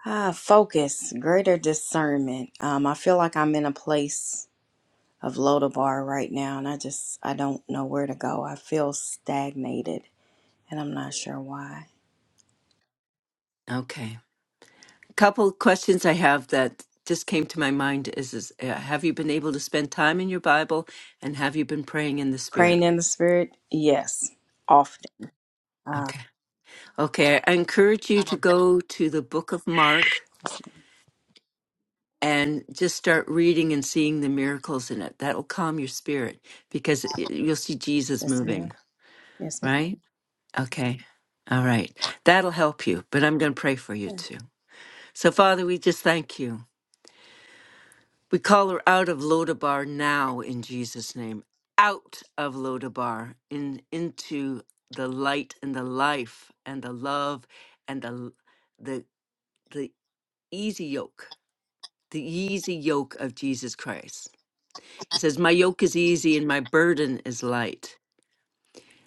S8: ah, focus, greater discernment. Um, I feel like I'm in a place of Lodabar right now, and I just I don't know where to go. I feel stagnated, and I'm not sure why.
S1: Okay. A couple questions I have that just came to my mind is, is uh, have you been able to spend time in your Bible and have you been praying in the
S8: Praying
S1: Spirit?
S8: in the spirit, yes, often. Ah,
S1: Okay. Okay. I encourage you to go to the book of Mark and just start reading and seeing the miracles in it. That'll calm your spirit because it- you'll see Jesus
S8: yes, ma'am.
S1: moving,
S8: Yes, ma'am.
S1: right? Okay. All right. That'll help you, but I'm going to pray for you too. So, Father, we just thank you. We call her out of Lodabar now in Jesus' name. Out of Lodabar in into the light and the life and the love and the the the easy yoke, the easy yoke of Jesus Christ. He says, "My yoke is easy and my burden is light."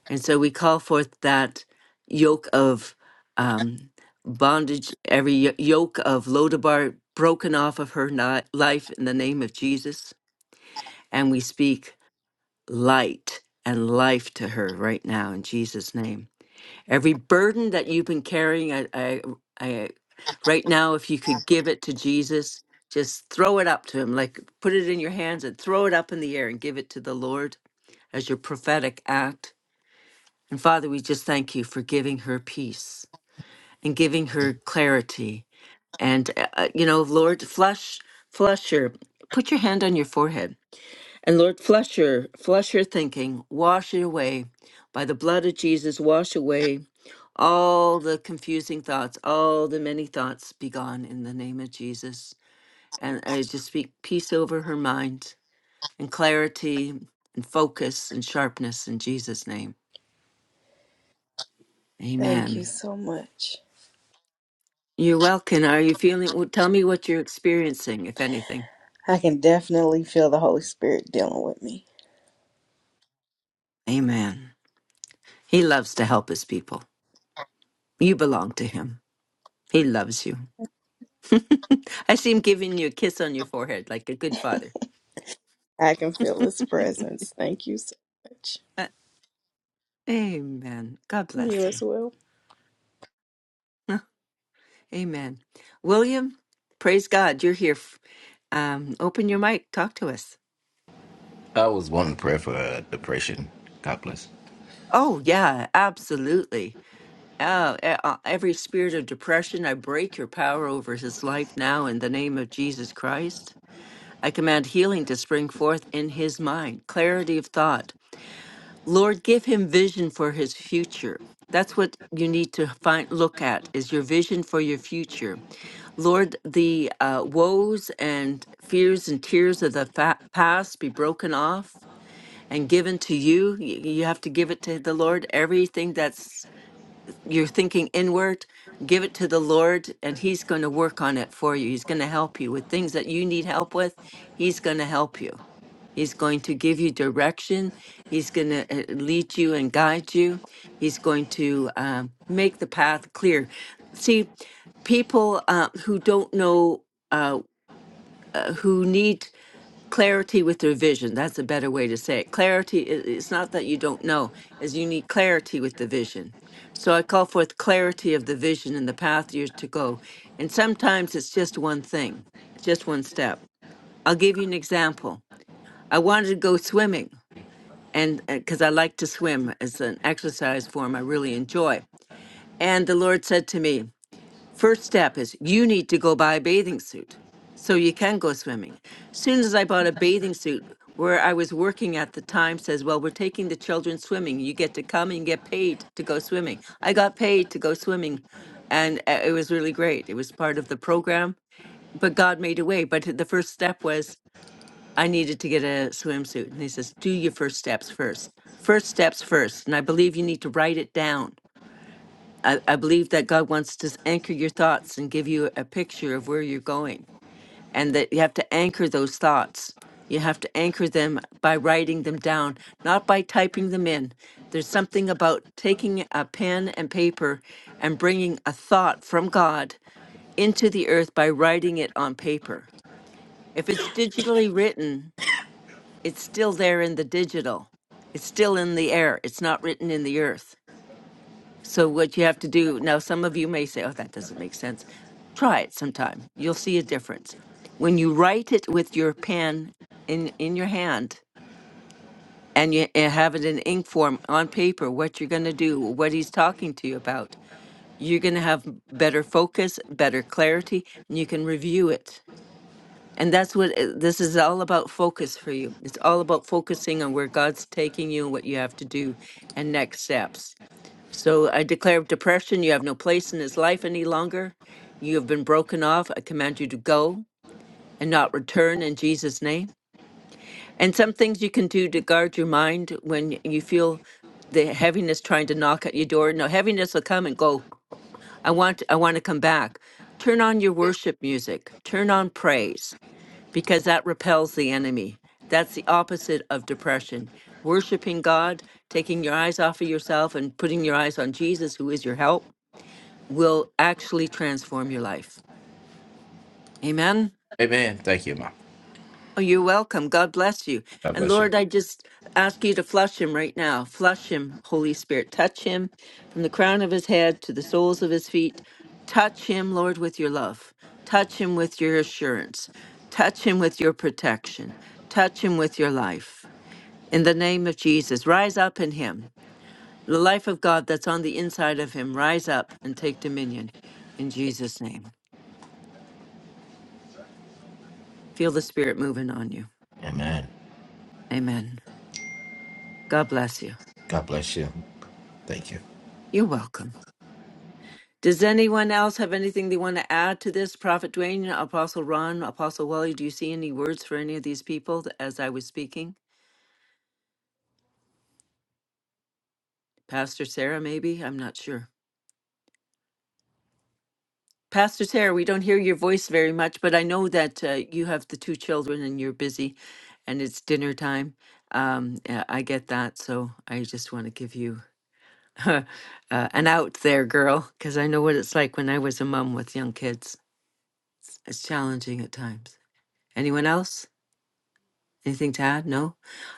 S1: And so we call forth that yoke of um, bondage, every y- yoke of Lodabar broken off of her ni- life in the name of Jesus. And we speak light and life to her right now in Jesus' name. Every burden that you've been carrying, I, I, I, right now, if you could give it to Jesus, just throw it up to him, like put it in your hands and throw it up in the air and give it to the Lord as your prophetic act and Father, we just thank you for giving her peace and giving her clarity. And, uh, uh, you know, Lord, flush, flush her. Put your hand on your forehead. And Lord, flush her, flush her thinking. Wash it away. By the blood of Jesus, wash away all the confusing thoughts, all the many thoughts be gone in the name of Jesus. And I just speak peace over her mind and clarity and focus and sharpness in Jesus' name.
S8: Thank you
S1: Amen.
S8: so much.
S1: You're welcome. Are you feeling? Well, tell me what you're experiencing, if anything.
S8: I can definitely feel the Holy Spirit dealing with me.
S1: Amen. He loves to help his people. You belong to him. He loves you. I see him giving you a kiss on your forehead like a good father.
S8: I can feel His presence. Thank you so much.
S1: Uh, Amen. God
S8: You
S1: bless you.
S8: as well.
S1: Amen. William, praise God. You're here. F- Um, open your mic. Talk to us.
S9: I was wanting prayer for uh, depression. God bless.
S1: Oh, yeah, absolutely. Oh, e- uh, every spirit of depression, I break your power over his life now in the name of Jesus Christ. I command healing to spring forth in his mind, clarity of thought. Lord, give him vision for his future. That's what you need to find, look at is your vision for your future. Lord, the uh, woes and fears and tears of the fa- past be broken off and given to you. Y- You have to give it to the Lord. Everything that's you're thinking inward, give it to the Lord, and He's going to work on it for you. He's going to help you with things that you need help with. He's going to help you. He's going to give you direction. He's going to lead you and guide you. He's going to um, make the path clear. See, people uh, who don't know, uh, uh, who need clarity with their vision, that's a better way to say it. Clarity, i- it's not that you don't know, as you need clarity with the vision. So I call forth clarity of the vision and the path you're to go. And sometimes it's just one thing, just one step. I'll give you an example. I wanted to go swimming and because I like to swim as an exercise form, I really enjoy. And the Lord said to me, First step is you need to go buy a bathing suit so you can go swimming. Soon as I bought a bathing suit, where I was working at the time says, Well, we're taking the children swimming. You get to come and get paid to go swimming. I got paid to go swimming, and uh, it was really great. It was part of the program, but God made a way. But the first step was I needed to get a swimsuit. And he says, Do your first steps first. First steps first. And I believe you need to write it down. I, I believe that God wants to anchor your thoughts and give you a picture of where you're going, and that you have to anchor those thoughts. You have to anchor them by writing them down, not by typing them in. There's something about taking a pen and paper and bringing a thought from God into the earth by writing it on paper. If it's digitally written, it's still there in the digital. It's still in the air. It's not written in the earth. So what you have to do now, some of you may say, "Oh, that doesn't make sense." Try it sometime. You'll see a difference when you write it with your pen in in your hand and you and have it in ink form on paper. What you're going to do, what he's talking to you about, you're going to have better focus, better clarity, and you can review it. And that's what uh, this is all about focus for you. It's all about focusing on where God's taking you and what you have to do and next steps. So I declare depression, you have no place in his life any longer. You have been broken off. I command you to go and not return in Jesus' name. And some things you can do to guard your mind when you feel the heaviness trying to knock at your door. No, heaviness will come and go. I want I want to come back. Turn on your worship music. Turn on praise because that repels the enemy. That's the opposite of depression. Worshiping God, taking your eyes off of yourself and putting your eyes on Jesus, who is your help, will actually transform your life. Amen.
S9: Amen. Thank you, Mom.
S1: Oh, you're welcome. God bless you.
S9: God
S1: And
S9: bless you.
S1: Lord, I just ask you to flush him right now. Flush him, Holy Spirit. Touch him from the crown of his head to the soles of his feet. Touch him, Lord, with your love. Touch him with your assurance. Touch him with your protection. Touch him with your life. In the name of Jesus, rise up in him. The life of God that's on the inside of him, rise up and take dominion in Jesus' name. Feel the Spirit moving on you.
S9: Amen.
S1: Amen. God bless you.
S9: God bless you. Thank you.
S1: You're welcome. Does anyone else have anything they want to add to this? Prophet Dwayne, Apostle Ron, Apostle Wally, do you see any words for any of these people as I was speaking? Pastor Sarah, maybe? I'm not sure. Pastor Sarah, we don't hear your voice very much, but I know that uh, you have the two children and you're busy and it's dinner time. Um, yeah, I get that. So I just want to give you uh, an out there, girl, because I know what it's like when I was a mom with young kids. It's challenging at times. Anyone else? Anything to add? No?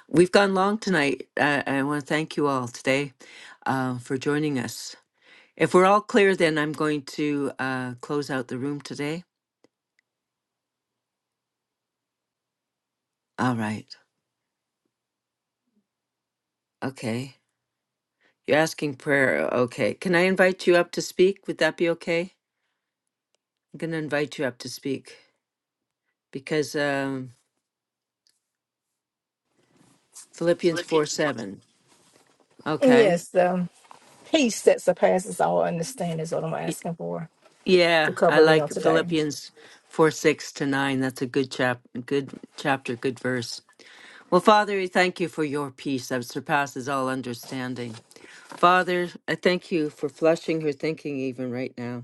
S1: We've gone long tonight. Uh, I want to thank you all today uh, for joining us. If we're all clear, then I'm going to uh, close out the room today. All right. Okay. You're asking prayer. Okay. Can I invite you up to speak? Would that be okay? I'm going to invite you up to speak because um, Philippians 4 7. Okay.
S10: Yes, the peace that surpasses all understanding is what I'm
S1: Y-
S10: asking for
S1: Yeah,
S10: to
S1: I
S10: cover me on
S1: like
S10: today.
S1: Philippians 4 6 to 9. That's a good chap, good chapter, good verse. Well, Father, we thank you for your peace that surpasses all understanding. Father, I thank you for flushing her thinking even right now.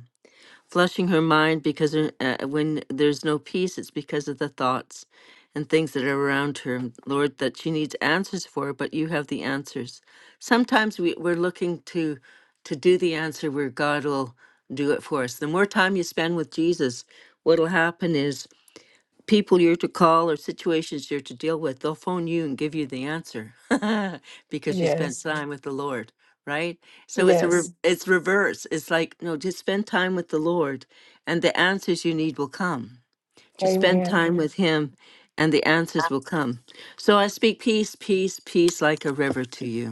S1: flushing her mind because her- uh, when there's no peace, it's because of the thoughts and things that are around her. Lord, that she needs answers for, but you have the answers. Sometimes we, we're looking to to do the answer where God will do it for us. The more time you spend with Jesus, what'll happen is people you're to call or situations you're to deal with, they'll phone you and give you the answer because you spent Mhm.
S10: Yes,
S1: time with the Lord, right? So it's a re- Mm.
S10: yes.
S1: it's reverse. It's like no, just spend time with the Lord, and the answers you need will come. Just spend
S10: Amen.
S1: time Mhm. with Him, and the answers will come. So I speak peace, peace, peace like a river to you.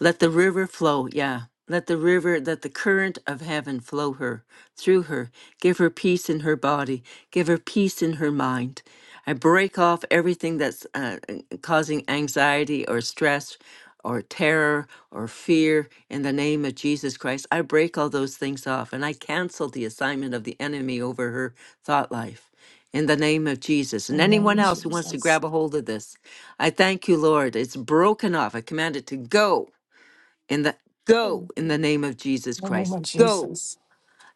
S1: Let the river flow, yeah. Let the river, let the current of heaven flow her, through her. Give her peace in her body. Give her peace in her mind. I break off everything that's uh, uh, causing anxiety or stress or terror or fear in the name of Jesus Christ. I break all those things off and I cancel the assignment of the enemy over her thought life in the name of Jesus. And
S10: In the
S1: anyone
S10: name of
S1: else who wants to
S10: Jesus.
S1: grab a hold of this, I thank you, Lord. It's broken off. I command it to go in the go
S10: In
S1: in the name of Jesus
S10: the name
S1: Christ.
S10: of
S1: Go.
S10: Jesus.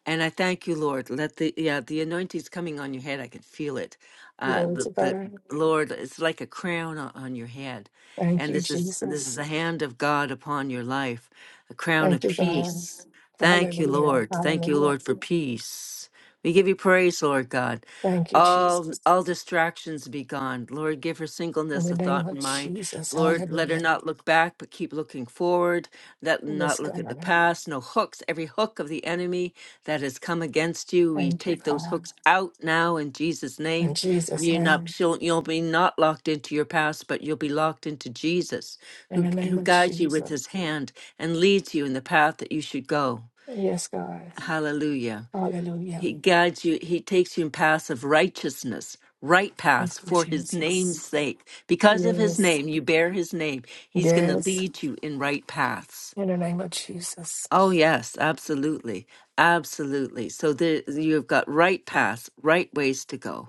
S1: And I thank you, Lord. Let the yeah, the anointing's coming on your head. I can feel it. Uh,
S10: Glory
S1: the,
S10: to
S1: the
S10: God.
S1: Lord, it's like a crown on, on your head,
S10: Thank
S1: and
S10: you,
S1: this is this is
S10: Jesus.
S1: the hand of God upon your life, a crown
S10: Thank
S1: of
S10: you, God.
S1: peace. Thank you,
S10: Hallelujah.
S1: Lord. Thank you,
S10: Hallelujah.
S1: Lord, for peace. We give you praise, Lord God.
S10: Thank you, Jesus.
S1: All all distractions be gone. Lord, give her
S10: In
S1: singleness
S10: the
S1: a
S10: name
S1: thought
S10: of
S1: in mind.
S10: Jesus.
S1: Lord, let her
S10: Hallelujah.
S1: not look back, but keep looking forward. Let her
S10: Yes,
S1: not look at the
S10: God.
S1: past. No hooks. Every hook of the enemy that has come against you. We
S10: Thank you,
S1: take those
S10: God.
S1: hooks out now in Jesus'
S10: In
S1: name.
S10: Jesus'
S1: You're not
S10: name.
S1: she'll, you'll be not locked into your past, but you'll be locked into Jesus,
S10: In
S1: who
S10: the name
S1: who
S10: of
S1: guides you with
S10: Jesus.
S1: His hand and leads you in the path that you should go.
S10: Yes, God.
S1: Hallelujah.
S10: Hallelujah.
S1: He guides you. He takes you in paths of righteousness, right
S10: Thank
S1: paths
S10: you,
S1: for His
S10: Jesus.
S1: name's sake. Because of His
S10: Yes.
S1: name, you bear His name. He's going to
S10: Yes.
S1: lead you in right paths.
S10: In the name of Jesus.
S1: Oh, yes, absolutely. Absolutely. So there, you've got right paths, right ways to go,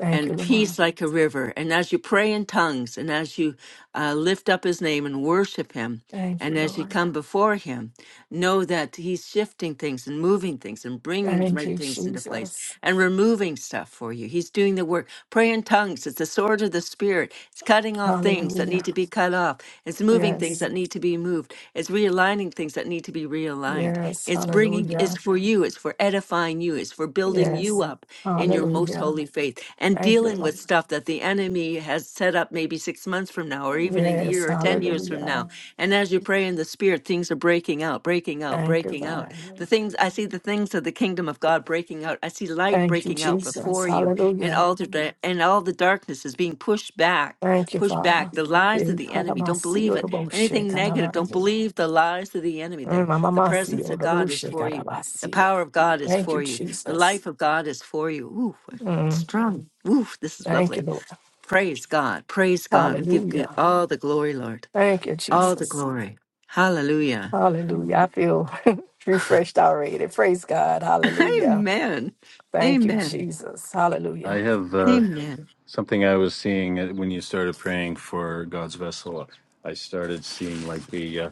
S10: Thank you,
S1: and
S10: Lord.
S1: peace like a river. And as you pray in tongues and as you uh, lift up his name and worship him,
S10: Thank you,
S1: and as you
S10: Lord.
S1: come before Him, know that He's shifting things and moving things and bringing the
S10: Thank
S1: right
S10: you,
S1: things into place
S10: Jesus.
S1: and removing stuff for you. He's doing the work. Pray in tongues. It's the sword of the Spirit. It's cutting off things that need
S10: Hallelujah.
S1: to be cut off. It's moving things
S10: Yes.
S1: that need to be moved. It's realigning things that need to be realigned.
S10: Yes.
S1: It's bringing, it's
S10: Hallelujah.
S1: for you. It's for edifying you. It's for building you
S10: Yes.
S1: up in your most
S10: Hallelujah.
S1: holy faith and
S10: Thank you,
S1: dealing with
S10: Lord.
S1: stuff that the enemy has set up maybe six months from now or even a
S10: Yes.
S1: year or 10 years from now
S10: Hallelujah.
S1: and as you pray in the spirit, things are breaking out, breaking out,
S10: Thank you,
S1: breaking out.
S10: God.
S1: The things I see the things of the kingdom of God breaking out. I see light
S10: Thank you,
S1: breaking out
S10: Jesus.
S1: before you, and
S10: Hallelujah.
S1: all the da- and all the darkness is being pushed back,
S10: Thank you,
S1: pushed back.
S10: Father.
S1: The lies of the enemy, don't believe it. Anything negative, don't believe the lies of the enemy. The,
S10: Mm,
S1: the
S10: mamamasi,
S1: presence of God is
S10: ororoshe,
S1: for you. The
S10: garabasia.
S1: power of God is
S10: Thank you,
S1: for you. The
S10: Jesus.
S1: life of God is for you. Ooh,
S10: Mm,
S1: strong. Ooh, this is
S10: thank you,
S1: lovely.
S10: Lord.
S1: Praise God. Praise God. We give you
S10: Hallelujah.
S1: all the glory, Lord
S10: Thank you,
S1: all the
S10: Jesus.
S1: glory. Hallelujah.
S10: Hallelujah. I feel refreshed already. Praise God. Hallelujah.
S1: Amen.
S10: Thank you,
S1: Amen.
S10: Jesus.
S4: I
S10: Hallelujah.
S4: have uh,
S1: Amen.
S4: something I was seeing uh, when you started praying for God's vessel. I started seeing like the. Uh,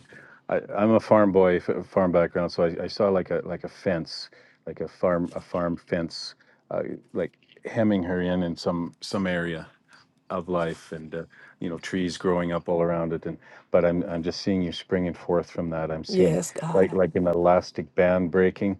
S4: I, I'm a farm boy, f- farm background, so I, I saw like a like a fence, like a farm a farm fence, uh, like hemming her in in some some area. of life and uh, you know trees growing up all around it and but I'm I'm just seeing you springing forth from that I'm seeing
S10: Yes,
S4: like
S10: God.
S4: like an elastic band breaking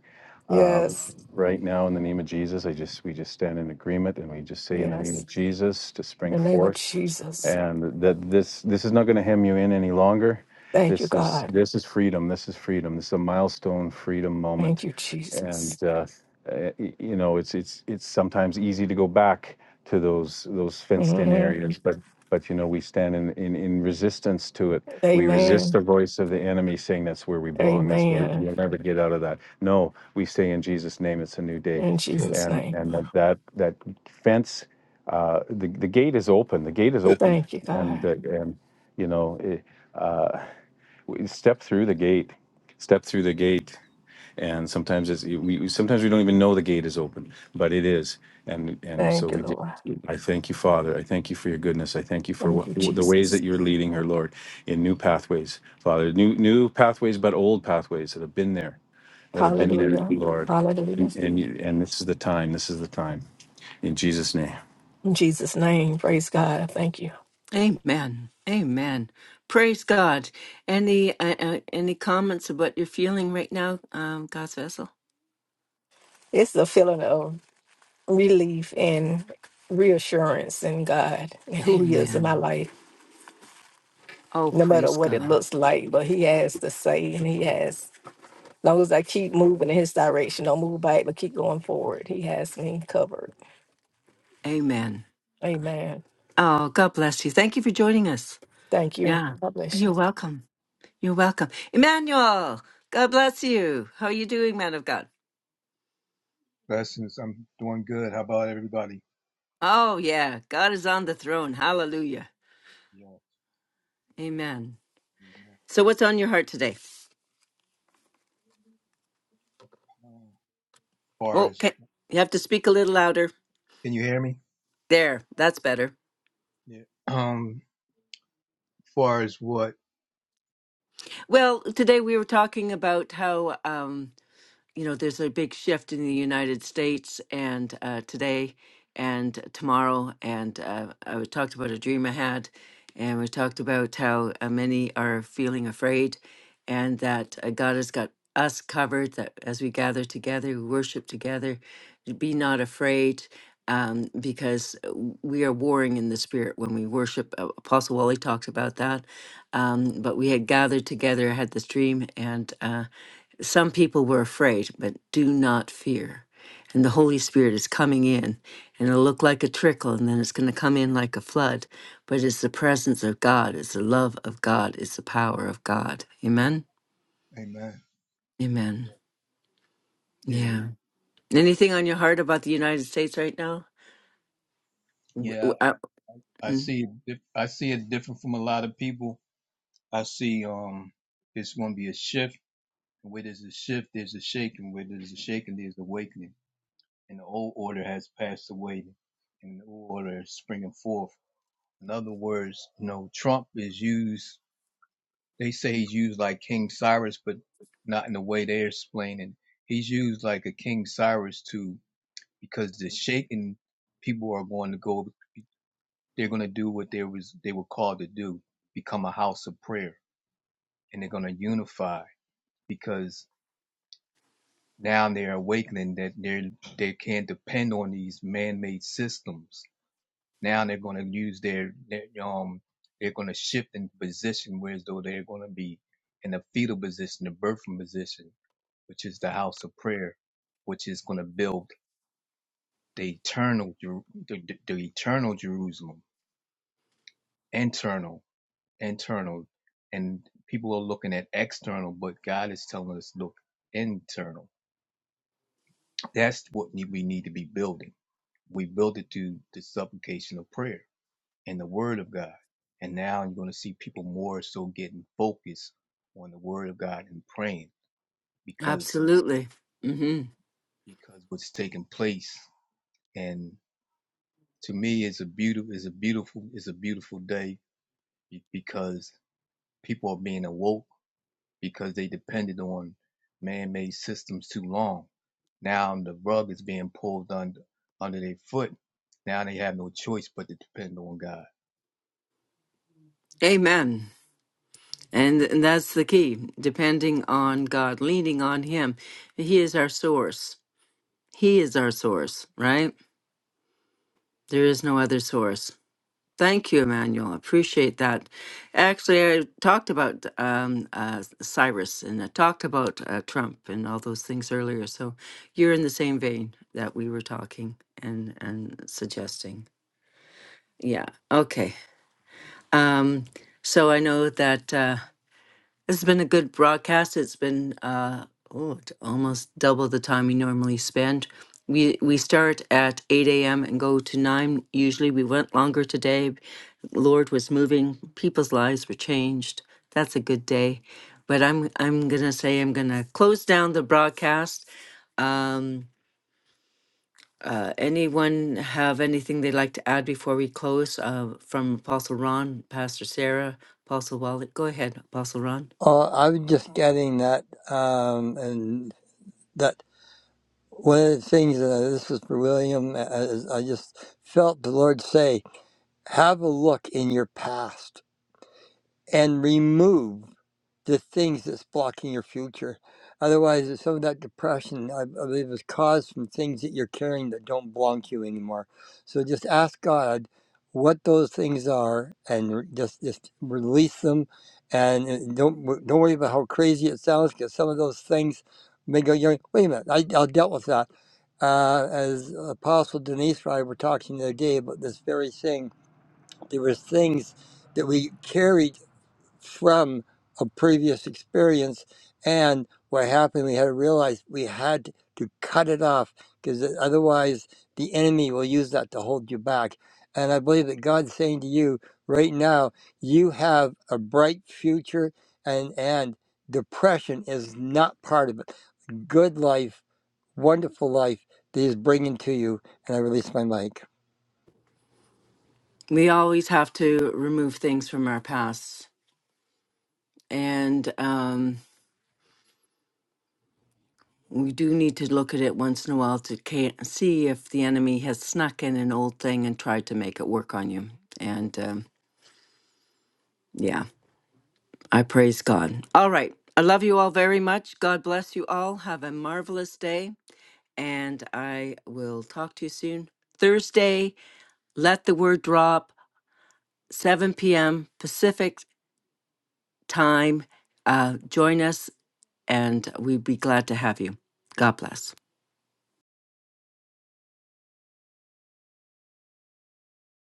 S4: um,
S10: Yes.
S4: right now in the name of Jesus I just we just stand in agreement and we just say in the name
S10: Yes.
S4: of Jesus to
S10: In
S4: spring
S10: the name of
S4: forth
S10: Jesus.
S4: and that this this is not going to hem you in any longer
S10: Thank you,
S4: this is
S10: God.
S4: this is freedom this is freedom this is a milestone freedom moment
S10: Thank you, Jesus.
S4: and uh, uh, y- you know it's it's it's sometimes easy to go back to those those fenced in
S10: Mhm.
S4: areas but but you know we stand in, in in resistance to it we resist
S10: Amen.
S4: the voice of the enemy saying that's where we belong that's where we- you'll
S10: Amen.
S4: never get out of that no we say in jesus name it's a new day
S10: In Jesus'
S4: and
S10: name.
S4: and that that that fence uh, the the gate is open. The gate is open,
S10: Thank you, God.
S4: and uh, and you know, it, uh, we step through the gate. Step through the gate, and sometimes it's we we- sometimes we don't even know the gate is open, but it is, and and so
S10: Thank you,
S4: we. Just,
S10: Lord.
S4: I thank you, Father. I thank you for your goodness. I thank you for
S10: Thank
S4: what,
S10: you,
S4: the ways
S10: Jesus.
S4: that you're leading her, Lord, in new pathways, Father. New new pathways, but old pathways that have been there, that have been there,
S10: Hallelujah.
S4: Lord.
S10: Hallelujah.
S4: And and, you, and this is the time. This is the time. In Jesus' name.
S10: In Jesus' name, praise God. Thank you.
S1: Amen. Amen. Praise God. Any uh, uh, any comments of what you're feeling right now, um, God's vessel?
S10: It's a feeling of relief and reassurance in God and who He is in my
S1: Amen.
S10: life,
S1: Oh,
S10: no matter
S1: praise
S10: what it
S1: God.
S10: looks like. But He has to say, and He has, as long as I keep moving in His direction, don't move back, but keep going forward. He has me covered.
S1: Amen.
S10: Amen.
S1: Oh, God bless you. Thank you for joining us.
S10: Thank you.
S1: Yeah,
S10: God bless you.
S1: you're welcome. You're welcome, Emmanuel. God bless you. How are you doing, man of God?
S11: Blessings. I'm doing good. How about everybody?
S1: Oh yeah, God is on the throne. Hallelujah.
S11: Yeah.
S1: Amen.
S11: Amen.
S1: So, what's on your heart today?
S11: Um, far as
S1: Okay. You have to speak a little louder.
S11: can you hear me?
S1: There, that's better.
S11: Yeah. Um. Far as what?
S1: Well, today we were talking about how um, you know, there's a big shift in the United States and uh, today and tomorrow. And uh, I was- talked about a dream I had, and we talked about how uh, many are feeling afraid, and that uh, God has got us covered. That as we gather together, we worship together, be not afraid. Um, because uh, we are warring in the spirit when we worship. Uh, Apostle Wally talked about that. Um, but we had gathered together, I had this dream, and uh, some people were afraid, but do not fear. And the Holy Spirit is coming in, and it'll look like a trickle, and then it's going to come in like a flood. But it's the presence of God, it's the love of God, it's the power of God. Amen?
S11: Amen.
S1: Amen.
S11: Yeah. Yeah.
S1: Yeah. Anything on your heart about the United States right now? W-
S11: Yeah.
S1: w- uh,
S11: I
S1: mm,
S11: see. it dif- I see it different from a lot of people. I see. Um. It's going to be a shift. And Where there's a shift, there's a shaking. Where there's a shaking, there's awakening. And the old order has passed away, and the new order is springing forth. In other words, you know, Trump is used. they say he's used like King Cyrus, but not in the way they're explaining. He's used like a King Cyrus too, because the shaken people are going to go. They're going to do what they was they were called to do: become a house of prayer, and they're going to unify because now they're awakening that they they can't depend on these man-made systems. Now they're going to use their, their um they're going to shift in position, whereas though they're going to be in a fetal position, a birthing position which is the house of prayer, which is going to build the eternal, Jeru- the, the, the eternal Jerusalem, internal, internal, and people are looking at external, but God is telling us, look, internal. That's what ne- we need to be building. We build it through the supplication of prayer and the Word of God, and now you're going to see people more so getting focused on the Word of God and praying because
S1: Absolutely. hmm
S11: because what's taking place to me it's a beautiful it's a beautiful it's a beautiful day because people are being awoke because they depended on man-made systems too long now the rug is being pulled under under their foot now they have no choice but to depend on god
S1: Amen. And, and that's the key depending on God, leaning on Him. He is our source. He is our source, right? There is no other source. Thank you, Emmanuel. Appreciate that. Actually, I talked about um, uh, Cyrus and I talked about uh, Trump and all those things earlier. So you're in the same vein that we were talking and and suggesting. Yeah. Okay. Um, so I know that. Uh, it's been a good broadcast. It's been uh, oh, it's almost double the time we normally spend. We we start at eight a.m. and go to nine. Usually, we went longer today. Lord was moving. People's lives were changed. That's a good day. But I'm I'm gonna say I'm gonna close down the broadcast. Um, uh, anyone have anything they'd like to add before we close? Uh, from Apostle Ron, Pastor Sarah, Apostle Wallet. Go ahead, Apostle Ron.
S2: Oh, I was just getting that, um, and that. One of the things that I- this is for William, as I just felt the Lord say, have a look in your past and remove the things that's blocking your future. Otherwise, some of that depression, I I believe, is caused from things that you're carrying that don't belong to you anymore. So just ask God what those things are, and re- just just release them. And uh, don't wo- don't worry about how crazy it sounds, because some of those things may go. You know, Wait a minute, I, I dealt with that. Uh, as Apostle Denise and I were talking the other day about this very thing, there was things that we carried from a previous experience. And what happened, we had to realize we had to cut it off because otherwise the enemy will use that to hold you back. And I believe that God's saying to you right now, you have a bright future and, and depression is not part of it. Good life, wonderful life that he's bringing to you. And I release my mic.
S1: We always have to remove things from our past. And um, we do need to look at it once in a while to ca- see if the enemy has snuck in an old thing and tried to make it work on you. And um, yeah. I praise God. All right. I love you all very much. God bless you all. Have a marvelous day. And I will talk to you soon. Thursday, let the word drop, 7 p.m. Pacific time. Uh, join us, and we'd be glad to have you. God bless.